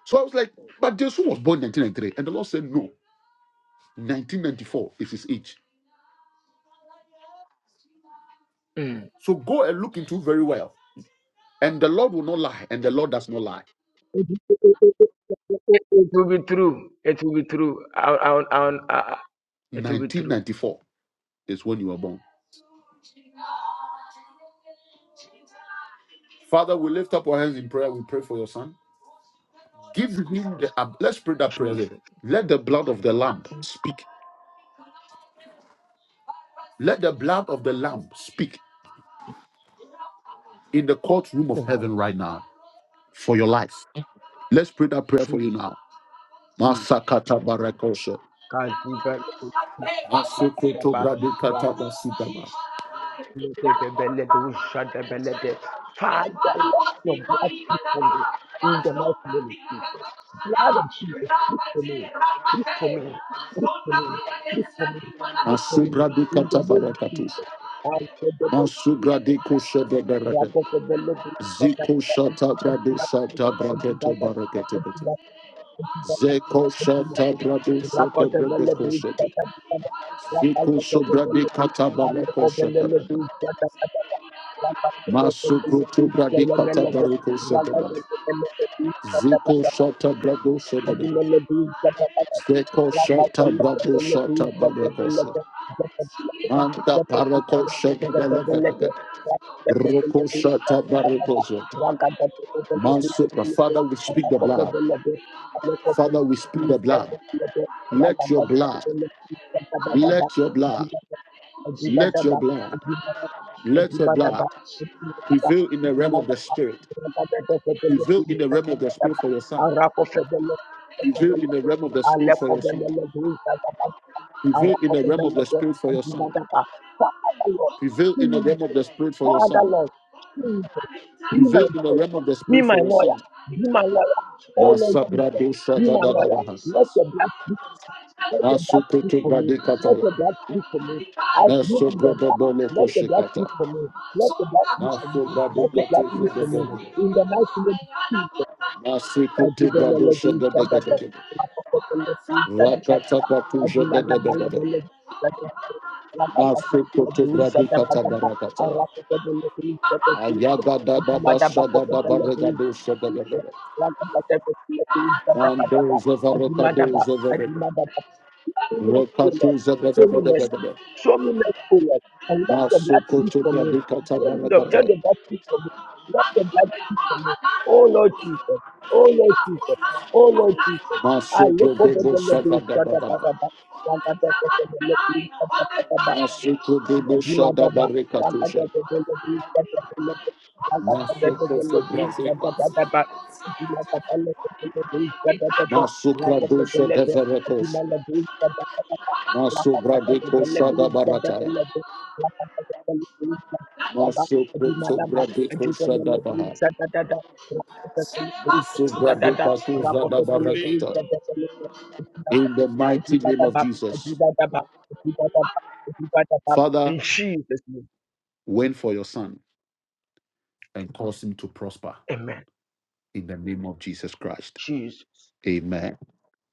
So I was like, but Jesus was born 1993. And the Lord said, no, 1994 is his age.
Mm.
So go and look into very well. And the Lord will not lie, and the Lord does not lie.
It, it, it, it it will be true. It will be true. I, I, I, I, it will be true.
1994 is when you were born. Father, we lift up our hands in prayer. We pray for your son. Give him the. ab- let's pray that prayer. There.
Jesus.
Let the blood of the Lamb speak. Let the blood of the Lamb speak in the courtroom of
Amen.
heaven right now for your life. Let's pray that prayer for you
Jesus.
now.
Jesus.
Masakata barakosha.
God,
Masukutu
Jesus.
bradikata basidama.
Developed, Father, let your blood speak for me in the mighty name of Jesus. Blood of Jesus, speak for me, speak for me, speak for me, speak for me, speak for me in the
Masubradikata bati.
name of Jesus. I said the best, rather the
Zekoto.
best, Thank
Zito bradikata barakosha. bradi bradikata barakosha. Ziko shata bradosha.
you.
Seko shota brabo shota barakasa. Manda parako shota balakata. Roko shota barakosa. Mansuka. Father, we speak the blood. Father, we speak the blood. Let your blood, let your blood, let your blood, let your blood prevail in the realm of the spirit. Prevail in the realm of the spirit for your son. Prevail in
Rapa
the realm of the spirit
Father
for your son.
Lord,
Prevail in the realm of the spirit for your son. Prevail in the
please,
realm of the spirit for your
Father
son.
Lord, Jesus, be my
Prevail in the
judge,
realm of the
be
spirit
my
for your
lawyer,
son.
be my lawyer, oh Lord Jesus, be
Masabradosha da
my
da da
lawyer.
bahasas.
Let your blood speak, let your blood speak
Masukutu
for me, let
bradikataya.
your blood speak for me. I plead with the blood.
Masobrodobolo
let your blood
koshikata.
speak for me, let your blood speak for me, let your
Masobradikatu
blood speak for me.
zedebele.
In the mighty name of Jesus, I
Masukutu
give the
bradosha da da da da
Lord
da.
the melody, Show me
Rakatakatusha da da da da da.
mercy.
Masukutu bradikata barakataya. Ayaga da da basha da da baregadosha da da da da. Andoza varakadoza vedebe. Rokatuza vedebedebedebe.
Show me mercy, O Lord. And let your blood speak
Masukutu
for me.
yadikata
Let the let
barakataya.
the blood speak for me. Let the blood speak for me. Oh Lord Jesus. Oh Lord Jesus. Oh Lord Jesus. I look
Masuku
over
debo
the
shadabadabada.
Lord. Thank you.
Masuku debo
Kadima
shadabarikatusha. Masuku sobrazikatusha. Masukradusha deveretos. Masubradiko shadabarataya. Masuko sobra de kosa dabaha. Masubra de pakuza dabarakata. In the mighty name of Jesus.
Rakota
Father,
in Jesus' name.
went for your son and cause him to prosper
Amen.
in the name of Jesus Christ.
Jesus.
Amen.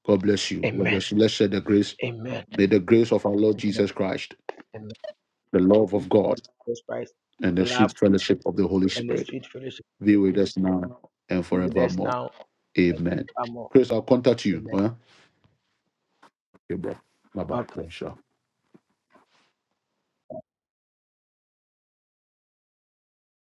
God bless you. God
Amen.
bless you. Let's share the grace.
Amen.
May the grace of our Lord
Amen.
Jesus Christ,
Amen.
the
The
love
grace
of
of
God,
Jesus Christ,
and the
the love
sweet fellowship of the Holy
and the
Spirit
sweet fellowship of the
be
Holy
with
Spirit
us now and
be with us
forevermore.
now and
Amen.
forevermore.
Chris, I'll contact you.
Amen.
Huh? Okay, bro. Bye bye.
Okay.
I'm sure.